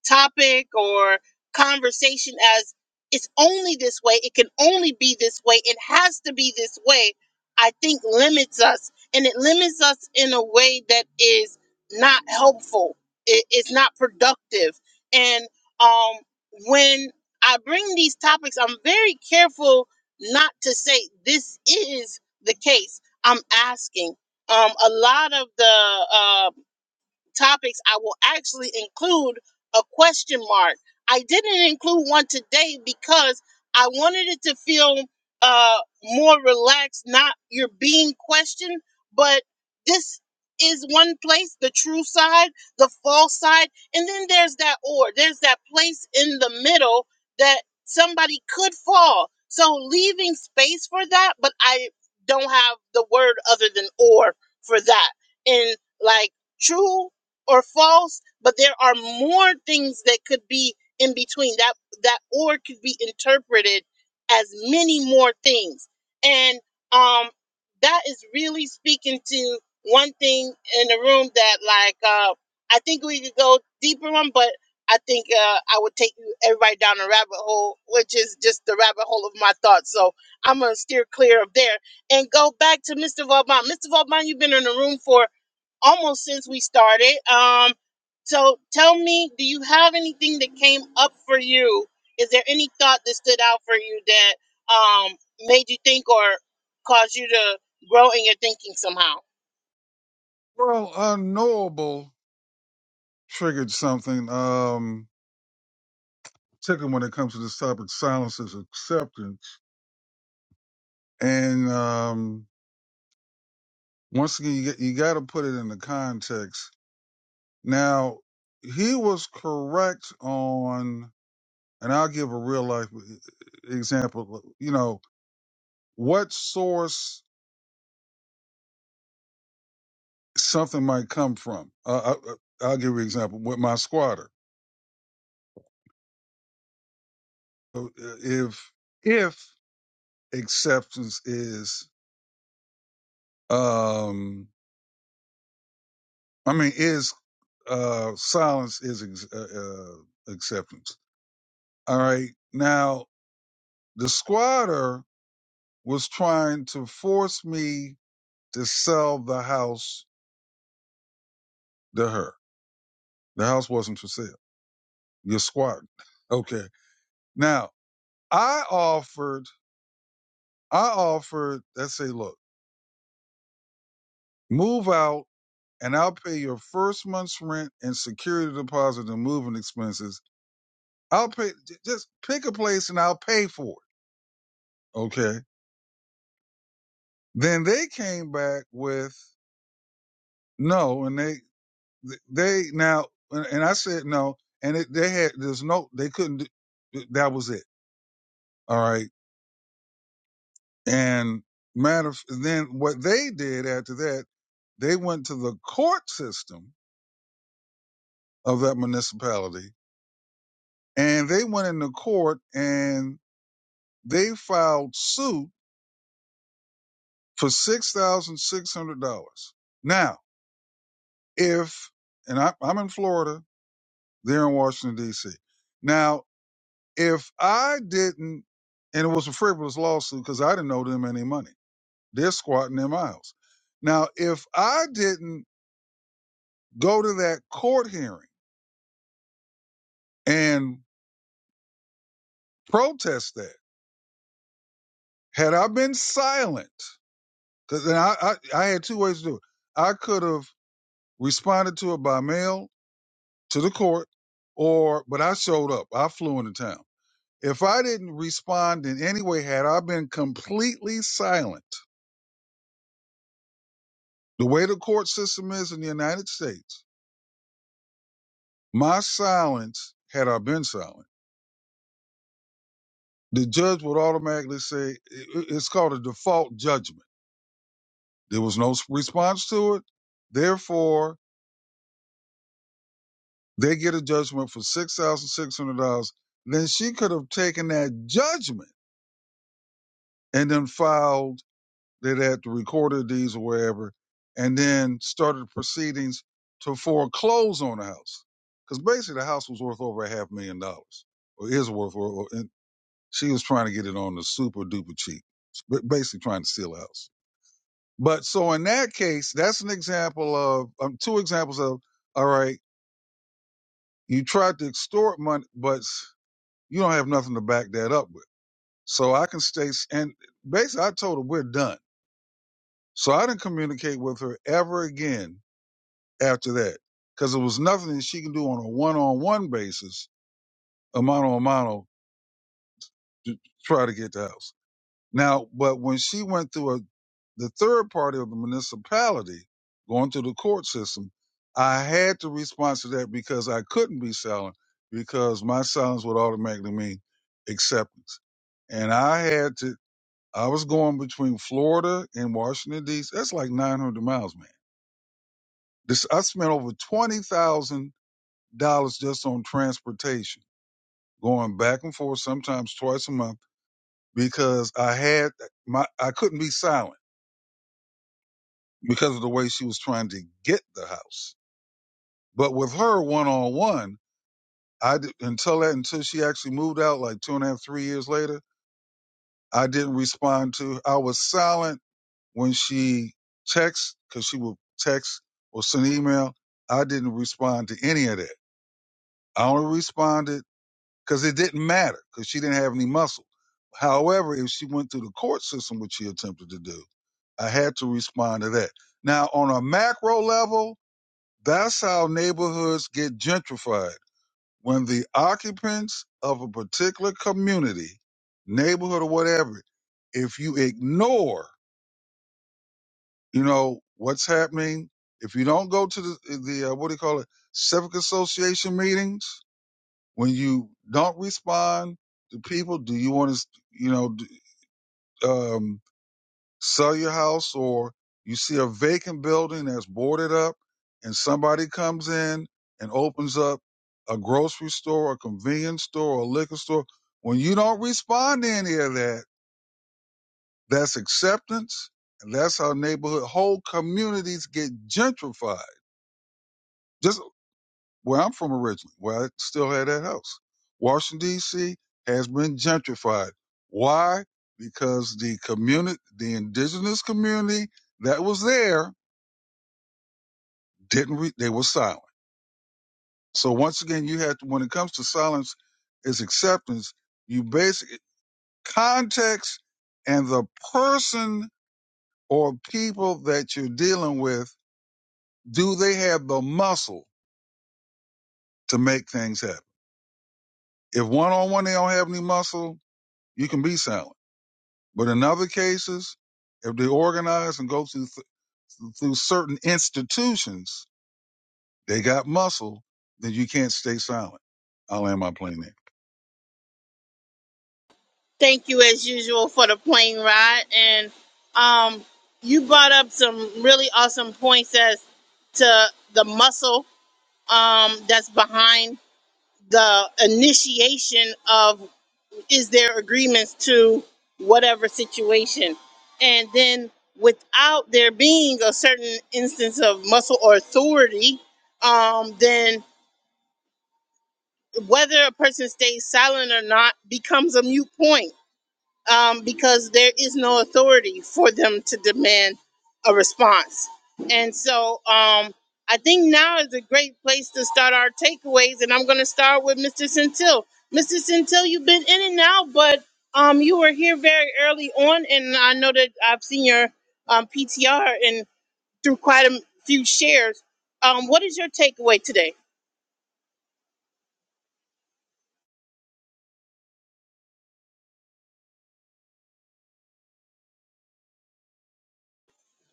topic or conversation as it's only this way, it can only be this way, it has to be this way, I think limits us. And it limits us in a way that is not helpful, it, it's not productive. And um, when I bring these topics, I'm very careful not to say this is the case. I'm asking. Um, a lot of the uh, topics, I will actually include a question mark. I didn't include one today because I wanted it to feel uh, more relaxed, not you're being questioned, but this is one place the true side, the false side, and then there's that or, there's that place in the middle that somebody could fall. So leaving space for that, but I don't have the word other than or for that. And like, true or false, but there are more things that could be in between. That that or could be interpreted as many more things. And um that is really speaking to one thing in the room that like uh I think we could go deeper on, but I think uh, I would take you everybody down a rabbit hole, which is just the rabbit hole of my thoughts. So I'm gonna steer clear of there and go back to Mr. Vauban. Mr. Vauban, you've been in the room for almost since we started. Um, so tell me, do you have anything that came up for you? Is there any thought that stood out for you that um, made you think or caused you to grow in your thinking somehow? well, unknowable triggered something. Um, particularly when it comes to this topic, silence is acceptance, and um, once again, you, get- you got to put it in the context. Now, he was correct on, and I'll give a real life uh, example. uh, You know, what source something might come from. Uh, I, I- I'll give you an example with my squatter. So, uh, If if acceptance is um i mean is uh silence is ex- uh, uh, acceptance all right now the squatter was trying to force me to sell the house to her the house wasn't for sale you're squatting okay now i offered i offered let's say look move out and i'll pay your first month's rent and security deposit and moving expenses I'll pay. j- Just pick a place and I'll pay for it. Okay. Then they came back with no, and they they now and and I said no, and it, they had there's no they couldn't. do- That was it. All right. And matter of then what they did after that, they went to the court system of that municipality, and they went into court and they filed suit for six thousand six hundred dollars. Now if, and I, I'm in Florida, they're in Washington, D.C. Now, if I didn't, and it was a frivolous lawsuit because I didn't owe them any money, they're squatting their miles. Now, if I didn't go to that court hearing and protest that, had I been silent, because then I, I, I had two ways to do it, I could have responded to it by mail to the court, or, but I showed up, I flew into town. If I didn't respond in any way, had I been completely silent, the way the court system is in the United States, my silence, had I been silent, the judge would automatically say, i- i- it's called a default judgment. There was no s- response to it. Therefore, they get a judgment for $6,600. Then she could have taken that judgment and then filed that had the recorder deeds or wherever, and then started proceedings to foreclose on the house. Because basically, the house was worth over a half million dollars, or is worth, or, and she was trying to get it on the super duper cheap, but basically trying to steal a house. But so in that case, that's an example of um, two examples of all right, you tried to extort money, but you don't have nothing to back that up with. So I can stay, and basically, I told her we're done. So I didn't communicate with her ever again after that because there was nothing that she can do on a one-on-one basis, a mano-a-mano, to try to get the house. Now, but when she went through a, the third party of the municipality, going through the court system, I had to respond to that because I couldn't be silent because my silence would automatically mean acceptance. And I had to, I was going between Florida and Washington D.C. That's like 900 miles, man. This, I spent over 20000 dollars just on transportation, going back and forth sometimes twice a month because I had my I couldn't be silent because of the way she was trying to get the house. But with her one on one, I did, until that until she actually moved out like two and a half three years later, I didn't respond to. I was silent when she texts because she would text or send email. I didn't respond to any of that. I only responded because it didn't matter because she didn't have any muscle. However, if she went through the court system, which she attempted to do, I had to respond to that. Now, on a macro level, that's how neighborhoods get gentrified. When the occupants of a particular community, neighborhood or whatever, if you ignore, you know, what's happening, if you don't go to the, the uh, what do you call it, civic association meetings, When you don't respond to people, do you want to, you know, d- um, sell your house or you see a vacant building that's boarded up and somebody comes in and opens up a grocery store, a convenience store, a liquor store. When you don't respond to any of that, that's acceptance. And that's how neighborhood, whole communities get gentrified. Just. where I'm from originally, where I still had that house. Washington D.C. has been gentrified. Why? Because the community, the indigenous community that was there, didn't re- they were silent. So once again, you had to, when it comes to silence, is acceptance. You basically context and the person or people that you're dealing with. Do they have the muscle to make things happen? If one on one they don't have any muscle, you can be silent But in other cases, if they organize and go through th- through certain institutions, they got muscle, then you can't stay silent. I'll land my plane there. Thank you, as usual, for the plane ride. And um, you brought up some really awesome points as to the muscle um, that's behind the initiation of is their agreements to whatever situation. And then without there being a certain instance of muscle or authority, um, then whether a person stays silent or not becomes a mute point um, because there is no authority for them to demand a response. And so um, I think now is a great place to start our takeaways. And I'm going to start with Mr. Centil. Mr. Centil, you've been in and out, but um, you were here very early on. And I know that I've seen your um, PTR and through quite a few shares. Um, what is your takeaway today?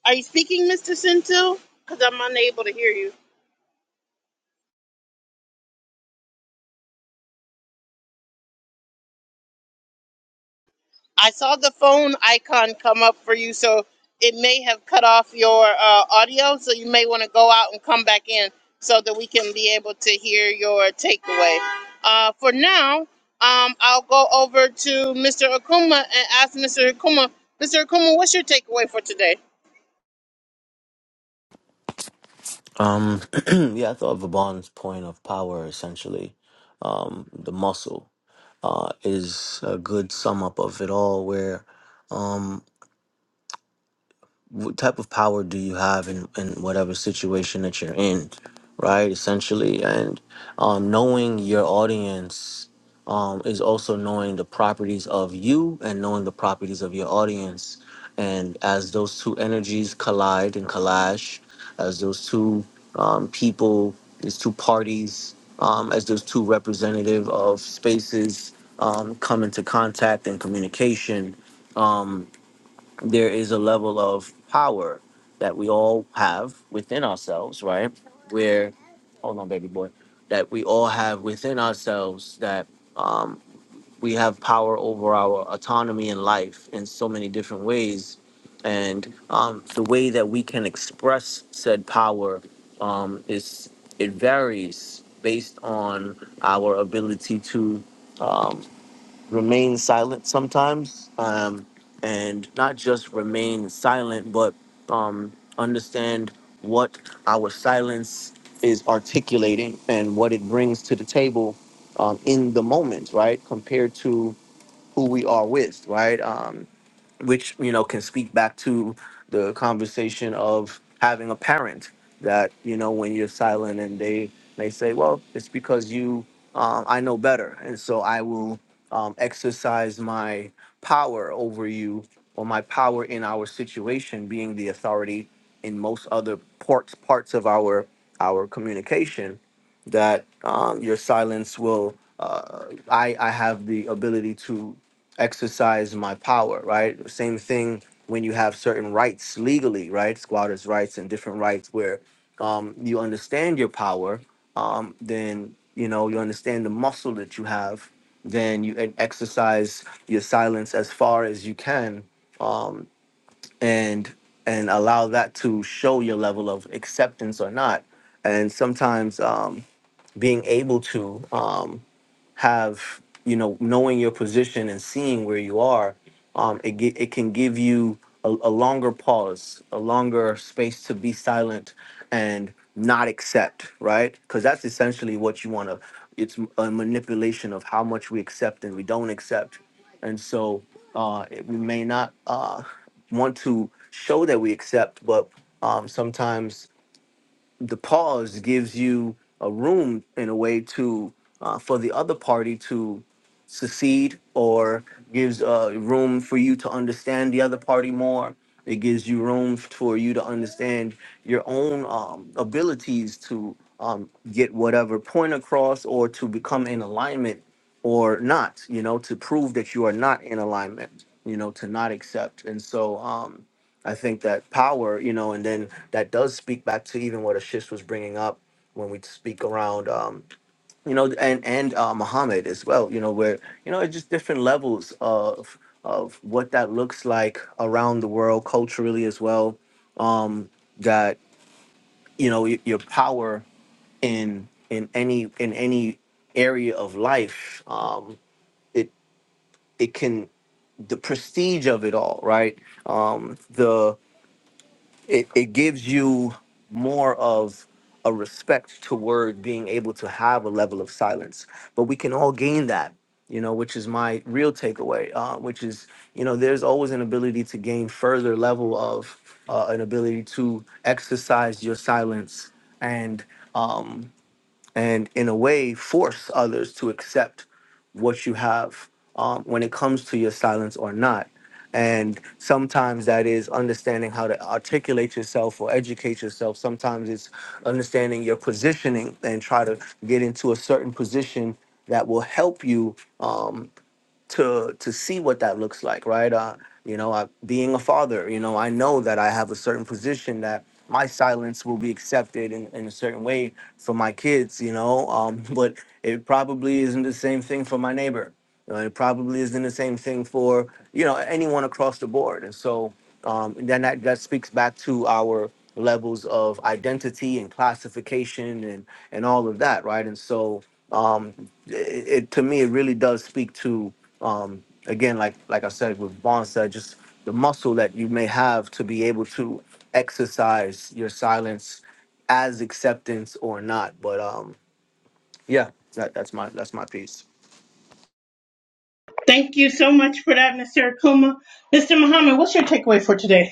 Are you speaking, Mr. Centil? Because I'm unable to hear you. I saw the phone icon come up for you, so it may have cut off your uh, audio. So you may want to go out and come back in so that we can be able to hear your takeaway. Uh, for now, um, I'll go over to Mr. Akuma and ask Mr. Akuma. Mr. Akuma, what's your takeaway for today? Um, yeah, I thought Vaban's point of power essentially, um, the muscle, uh, is a good sum up of it all. Where what type of power do you have in, in whatever situation that you're in right essentially and um, knowing your audience um, is also knowing the properties of you and knowing the properties of your audience and as those two energies collide and collage as those two um, people these two parties um, as those two representative of spaces um, come into contact and communication Um, there is a level of power that we all have within ourselves, right? Where, hold on, baby boy, that we all have within ourselves that um, we have power over our autonomy in life in so many different ways. And um, the way that we can express said power um, is it varies based on our ability to um, remain silent sometimes, um, and not just remain silent, but um, understand what our silence is articulating and what it brings to the table um, in the moment, right? Compared to who we are with, right? Um, which you know can speak back to the conversation of having a parent that you know when you're silent and they they say well it's because you um, i know better and so i will um, exercise my power over you or my power in our situation being the authority in most other parts parts of our our communication that um, your silence will uh, I, I have the ability to exercise my power, right? Same thing when you have certain rights legally, right? Squatters' rights and different rights where um, you understand your power, um, then you know you understand the muscle that you have. Then you e- exercise your silence as far as you can, um, and and allow that to show your level of acceptance or not. And sometimes um, being able to. Um, have you know knowing your position and seeing where you are um it, gi- it can give you a, a longer pause a longer space to be silent and not accept right because that's essentially what you want to it's a manipulation of how much we accept and we don't accept and so uh it- we may not uh want to show that we accept but um sometimes the pause gives you a room in a way to uh, for the other party to secede or gives uh, room for you to understand the other party more it gives you room for you to understand your own um, abilities to um, get whatever point across or to become in alignment or not you know to prove that you are not in alignment you know to not accept and so um, I think that power, you know, and then that does speak back to even what Ashish was bringing up when we speak around, um, you know, and and uh, Muhammad as well, you know, where you know it's just different levels of of what that looks like around the world culturally as well. Um, that you know y- your power in in any in any area of life, um, it it can the prestige of it all, right? Um, it, it gives you more of a respect toward being able to have a level of silence but we can all gain that you know which is my real takeaway uh, which is you know there's always an ability to gain further level of uh, an ability to exercise your silence and um, and in a way force others to accept what you have um, when it comes to your silence or not and sometimes that is understanding how to articulate yourself or educate yourself sometimes it's understanding your positioning and try to get into a certain position that will help you um, to to see what that looks like, right? Uh, you know, I, being a father, you know, I know that I have a certain position that my silence will be accepted in, in a certain way for my kids, you know, um, but it probably isn't the same thing for my neighbor. You know, it probably isn't the same thing for you know anyone across the board, and so um, then that, that speaks back to our levels of identity and classification and and all of that, right? And so um, it, it to me it really does speak to um, again, like like I said, with Vaughn said, just the muscle that you may have to be able to exercise your silence as acceptance or not. But um, yeah, that, that's my that's my piece. Thank you so much for that, Mr. Akuma. Mr. Muhammad, what's your takeaway for today?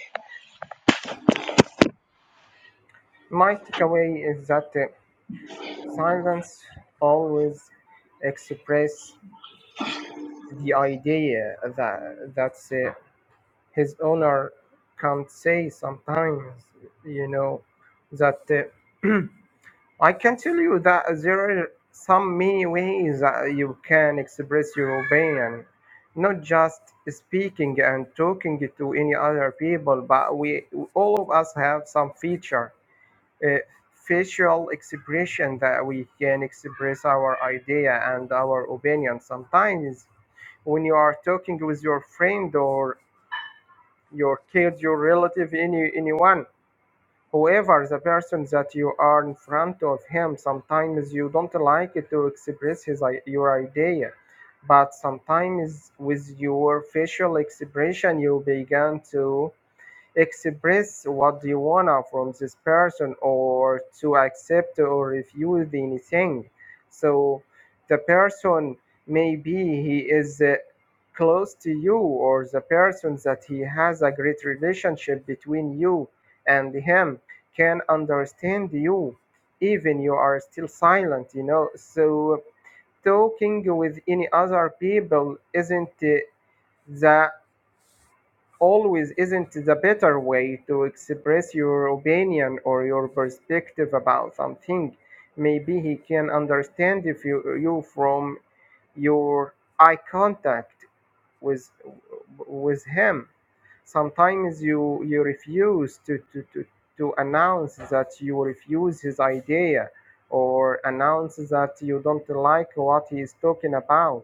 My takeaway is that uh, silence always express the idea that that's. uh, his owner can say sometimes, you know, that uh, I can tell you that there are some many ways that you can express your opinion, not just speaking and talking to any other people, but we all of us have some feature. Uh, facial expression that we can express our idea and our opinion sometimes when you are talking with your friend or your kid, your relative, any anyone, whoever the person that you are in front of him. Sometimes you don't like it to express his i- your idea, but sometimes with your facial expression you begin to express what you wanna from this person or to accept or refuse anything so the person maybe he is uh, close to you or the person that he has a great relationship between you and him can understand you even you are still silent you know so talking with any other people isn't uh, the always isn't the better way to express your opinion or your perspective about something. Maybe he can understand if you, you from your eye contact with with him sometimes you you refuse to to, to to announce that you refuse his idea or announce that you don't like what he is talking about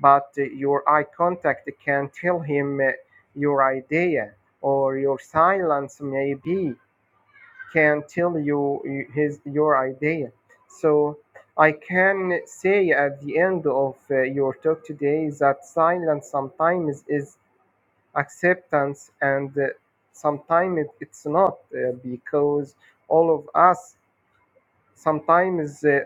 but uh, your eye contact can tell him uh, your idea or your silence maybe can tell you uh, his your idea so i can say at the end of uh, your talk today that silence sometimes is acceptance and uh, sometimes it, it's not uh, because all of us sometimes uh,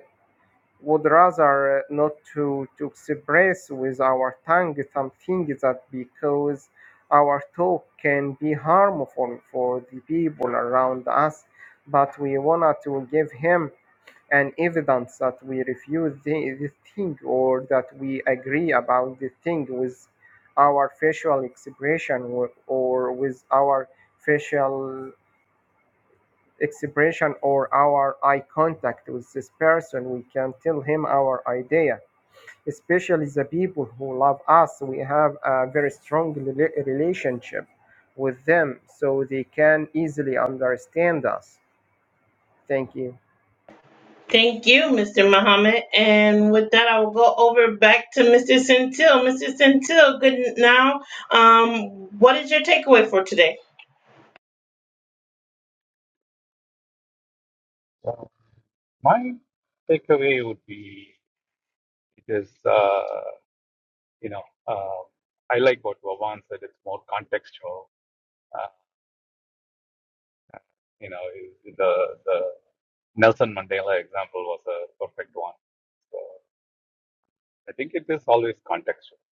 would rather uh, not to, to express with our tongue something that because our talk can be harmful for the people around us but we want to give him and evidence that we refuse the, the thing or that we agree about the thing with our facial expression or, or with our facial expression or our eye contact with this person we can tell him our idea especially the people who love us we have a very strong rela- relationship with them so they can easily understand us thank you Thank you, Mr. Muhammad. And with that, I will go over back to Mr. Centil. Mr. Centil, good now. Um, what is your takeaway for today? So my takeaway would be it is. uh, you know, um, I like what Vavan said. It's more contextual. Uh, you know, the the Nelson Mandela example was a perfect one. So I think it is always contextual,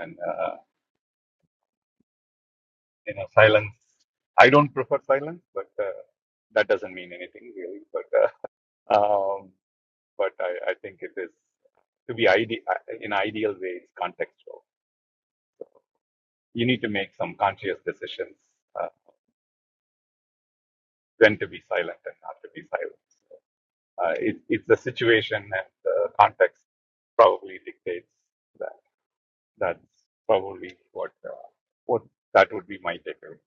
and uh, you know, silence. I don't prefer silence, but uh, that doesn't mean anything really. But uh, um, but I, I think it is to be ide- uh, in ideal way. It's contextual. You need to make some conscious decisions uh, when to be silent and not to be silent. Uh, it, it's the situation and the context probably dictates that. That's probably what uh, what that would be my takeaway.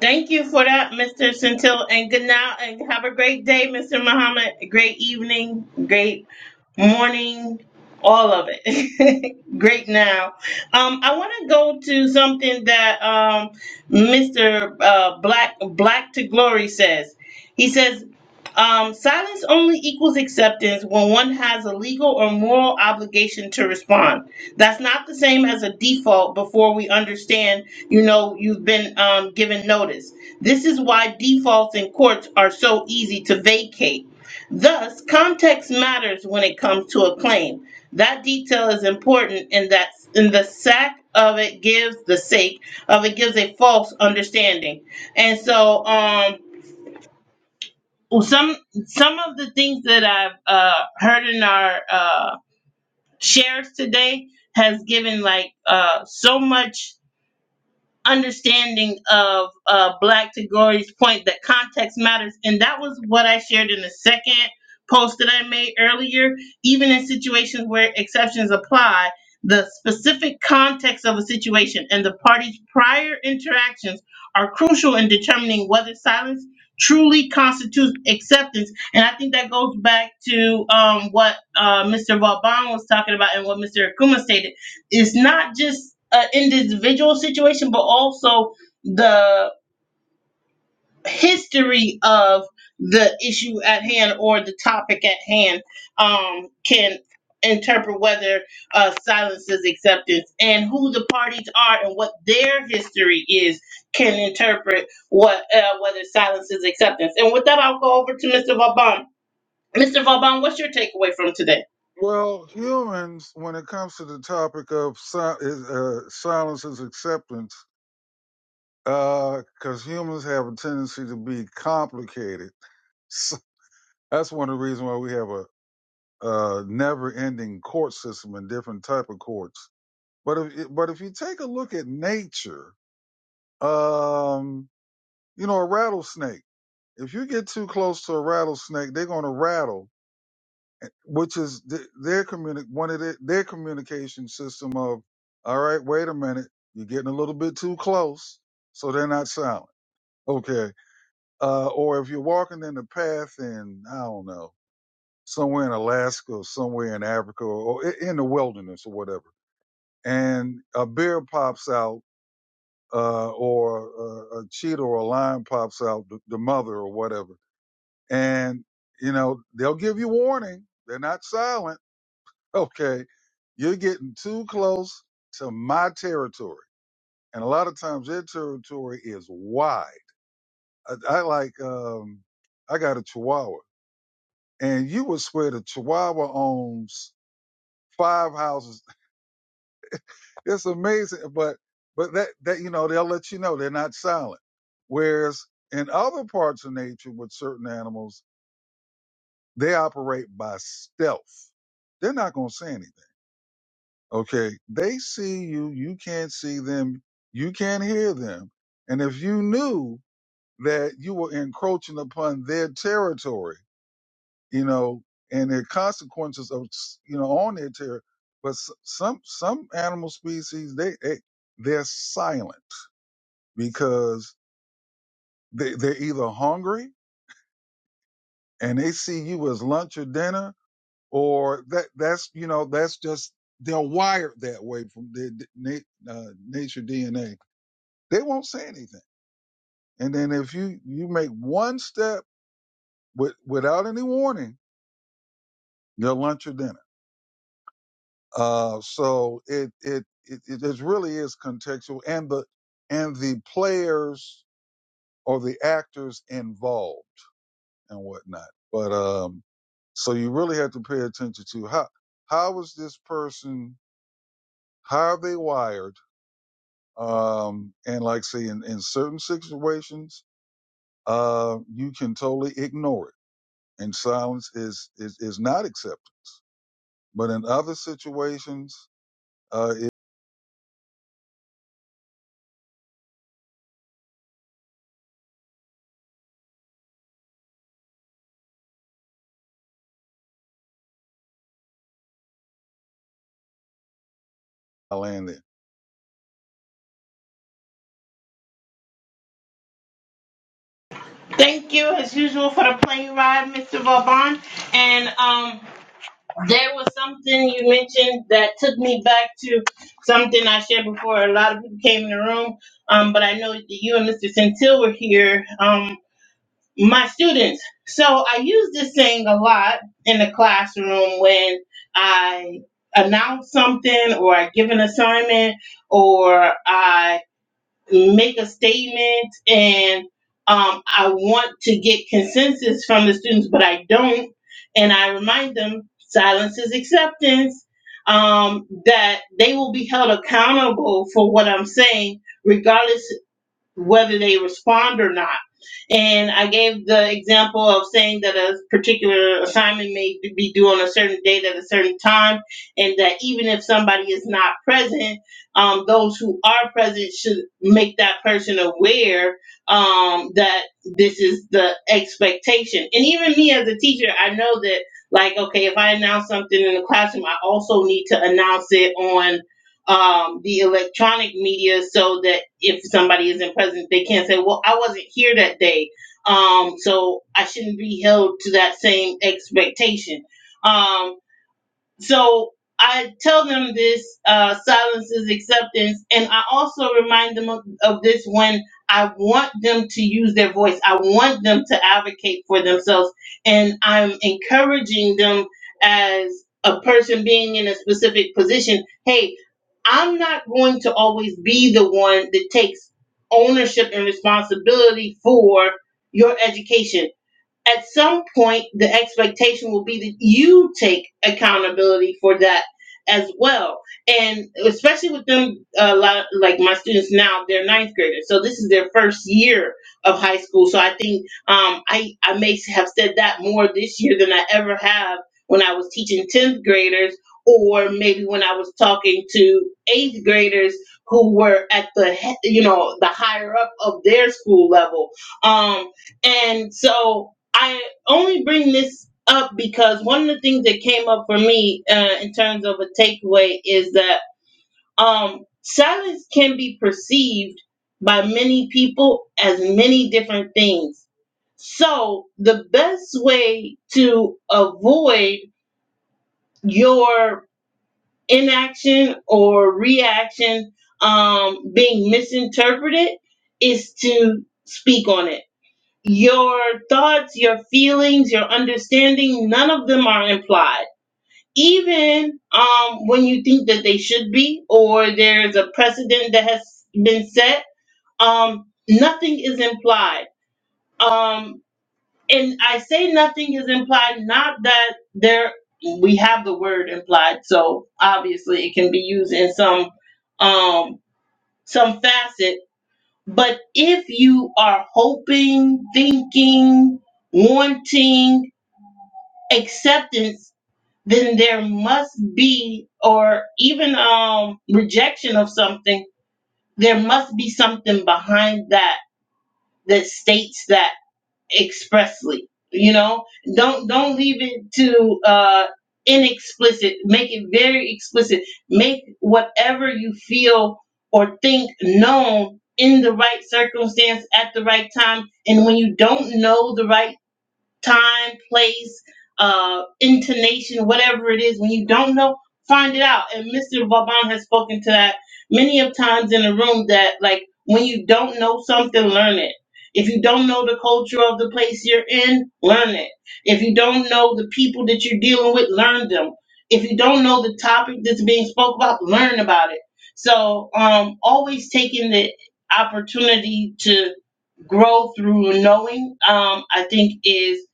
Thank you for that, Mr. Centil. And good now. And have a great day, Mr. Muhammad. Great evening. Great morning. All of it. great now. Um, I want to go to something that um, Mr. Uh, Black Black to Glory says. He says. Um, silence only equals acceptance when one has a legal or moral obligation to respond. That's not the same as a default before we understand, you know, you've been um, given notice. This is why defaults in courts are so easy to vacate. Thus, context matters when it comes to a claim. That detail is important in that in the sack of it gives the sake of it gives a false understanding. And so um well, some some of the things that I've uh, heard in our uh, shares today has given like uh, so much understanding of uh, Black Tagori's point that context matters, and that was what I shared in the second post that I made earlier. Even in situations where exceptions apply, the specific context of a situation and the parties' prior interactions are crucial in determining whether silence truly constitutes acceptance. And I think that goes back to um, what uh, Mr. Vauban was talking about and what Mr. Akuma stated it's not just an individual situation, but also the history of the issue at hand or the topic at hand um, can interpret whether uh, silence is acceptance and who the parties are and what their history is can interpret what uh, whether silence is acceptance. And with that, I'll go over to Mr. Vauban. Mr. Vauban, what's your takeaway from today? Well, humans, when it comes to the topic of si- uh, silence is acceptance, because humans have a tendency to be complicated. So that's one of the reasons why we have a, uh never-ending court system and different type of courts. But if but if you take a look at nature, um, You know, a rattlesnake. If you get too close to a rattlesnake, they're going to rattle, which is th- their communi- one of their, their communication system of, all right, wait a minute, you're getting a little bit too close, so they're not silent. Okay. Uh, or if you're walking in the path in, I don't know, somewhere in Alaska or somewhere in Africa or, or i in the wilderness or whatever, and a bear pops out, uh, or a, a cheetah or a lion pops out, the, the mother or whatever and you know they'll give you warning they're not silent okay you're getting too close to my territory and a lot of times their territory is wide i, I like um i got a chihuahua and you would swear the chihuahua owns five houses it's amazing but but that that you know they'll let you know they're not silent whereas in other parts of nature with certain animals they operate by stealth they're not going to say anything Okay. They see you. You can't see them. You can't hear them. And if you knew that you were encroaching upon their territory, you know, and the consequences of, s- you know, on their territory, but s- some, some animal species, they, they, they're silent because they, they're either hungry and they see you as lunch or dinner or that, that's, you know, that's just, they're wired that way from their d- na- uh, nature DNA They won't say anything. And then if you you make one step with, without any warning, your lunch or dinner. Uh, so it it it, it really is contextual, and the and the players or the actors involved and whatnot. But um, so you really have to pay attention to how how is this person how are they wired um and like I say in, in certain situations uh you can totally ignore it and silence is is, is not acceptance. But in other situations, uh, it, I land there. Thank you, as usual, for the plane ride, Mr. Vauban. And um, there was something you mentioned that took me back to something I shared before. A lot of people came in the room, um, but I know that you and Mr. Centil were here, um, my students. So I use this thing a lot in the classroom when I announce something or I give an assignment or I make a statement and um, I want to get consensus from the students, but I don't. And I remind them silence is acceptance, um, that they will be held accountable for what I'm saying, regardless whether they respond or not. And I gave the example of saying that a particular assignment may be due on a certain date at a certain time, and that even if somebody is not present, um, those who are present should make that person aware um, that this is the expectation. And even me as a teacher, I know that, like, okay, if I announce something in the classroom, I also need to announce it on um, the electronic media so that if somebody isn't present, they can't say, well, I wasn't here that day. Um, so I shouldn't be held to that same expectation. Um, so I tell them this uh, silence is acceptance. And I also remind them of, of this when I want them to use their voice, I want them to advocate for themselves. And I'm encouraging them as a person being in a specific position hey I'm not going to always be the one that takes ownership and responsibility for your education at some point the expectation will be that you take accountability for that as well and especially with them uh, a lot like my students now they're ninth graders so this is their first year of high school so i think um, I, I may have said that more this year than i ever have when i was teaching 10th graders or maybe when i was talking to eighth graders who were at the he- you know the higher up of their school level um, and so I only bring this up because one of the things that came up for me uh, in terms of a takeaway is that um, silence can be perceived by many people as many different things. So, the best way to avoid your inaction or reaction um, being misinterpreted is to speak on it your thoughts, your feelings, your understanding, none of them are implied. Even um, when you think that they should be, or there's a precedent that has been set, um, nothing is implied. Um, and I say nothing is implied, not that there we have the word implied, so obviously it can be used in some um, some facet. But if you are hoping, thinking, wanting acceptance, then there must be, or even um, rejection of something, there must be something behind that that states that expressly you know don't don't leave it to uh inexplicit make it very explicit make whatever you feel or think known in the right circumstance at the right time and when you don't know the right time, place, uh, intonation, whatever it is. When you don't know, find it out. And Mr. Vauban has spoken to that many of times in the room that like when you don't know something, learn it. If you don't know the culture of the place you're in, learn it. If you don't know the people that you're dealing with, learn them. If you don't know the topic that's being spoke about, learn about it. So um always taking the opportunity to grow through knowing, um, I think is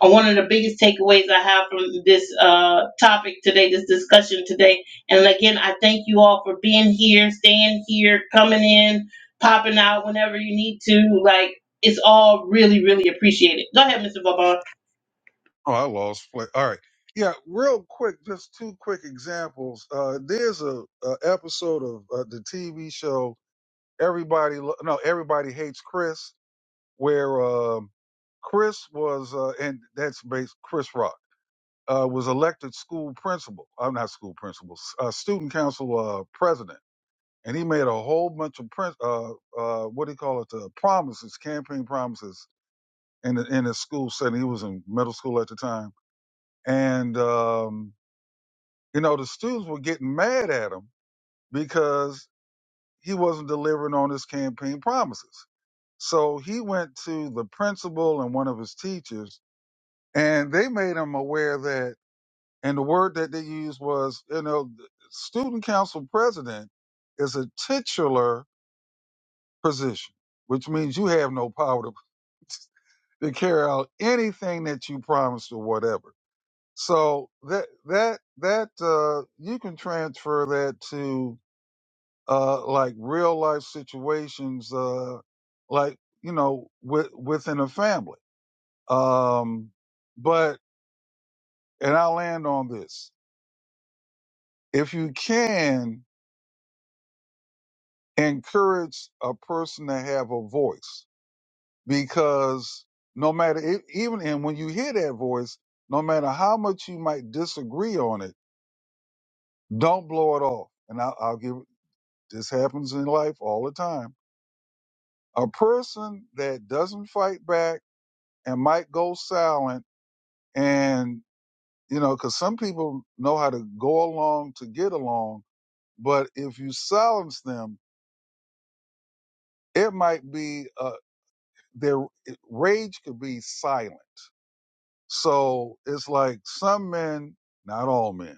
uh, one of the biggest takeaways I have from this uh, topic today, this discussion today. And again, I thank you all for being here, staying here, coming in, popping out whenever you need to. Like, it's all really, really appreciated. Go ahead, Mr. Vaughn. Oh, I lost. Play. All right, yeah. Real quick, just two quick examples. Uh, there's a, a episode of uh, the TV show Everybody Lo- No Everybody Hates Chris, where um Chris was, uh, and that's based Chris Rock. Uh, was elected school principal. I'm not school principal. s- Uh, student council uh, president and he made a whole bunch of prin uh, uh, what do you call it, uh, promises, campaign promises in the, in his school setting. He was in middle school at the time, and um, you know the students were getting mad at him because he wasn't delivering on his campaign promises. So he went to the principal and one of his teachers, and they made him aware that, and the word that they used was, you know, the student council president is a titular position, which means you have no power to, to carry out anything that you promised or whatever. So that that that uh, you can transfer that to uh, like real life situations, uh, like you know, with, within a family. Um, but and I'll land on this: if you can encourage a person to have a voice, because no matter e- even and when you hear that voice, no matter how much you might disagree on it, don't blow it off. And I'll, I'll give this happens in life all the time. A person that doesn't fight back and might go silent, and you know, because some people know how to go along to get along, but if you silence them, it might be uh, their rage could be silent So it's like some men, not all men.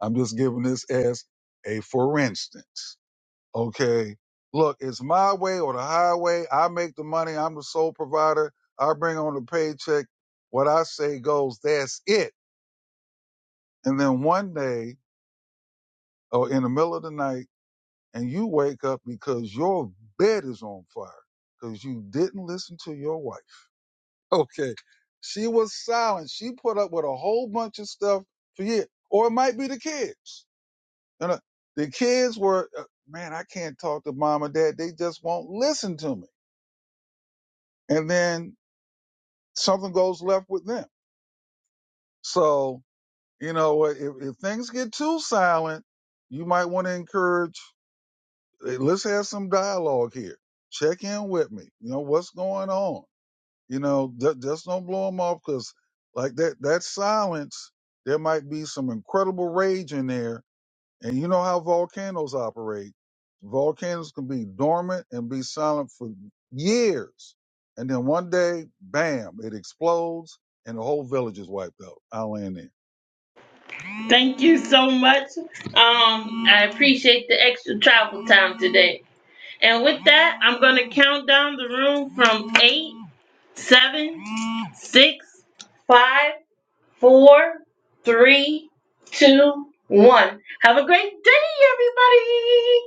I'm just giving this as a for instance. Okay. Look, it's my way or the highway. I make the money. I'm the sole provider. I bring on the paycheck. What I say goes. That's it. And then one day or in the middle of the night, and you wake up because your bed is on fire because you didn't listen to your wife Okay. She was silent. She put up with a whole bunch of stuff for years. Or it might be the kids. You know, the kids were, uh, man, I can't talk to mom and dad. They just won't listen to me. And then something goes left with them. So, you know, if, if things get too silent, you might want to encourage, hey, let's have some dialogue here. Check in with me. You know, what's going on? You know, ju- just don't blow them off because, like that, that silence, there might be some incredible rage in there. And you know how volcanoes operate. Volcanoes can be dormant and be silent for years. And then one day, bam, it explodes and the whole village is wiped out. I'll end there. Thank you so much. Um, I appreciate the extra travel time today. And with that, I'm going to count down the room from eight. seven, six, five, four, three, two, one. Have a great day, everybody.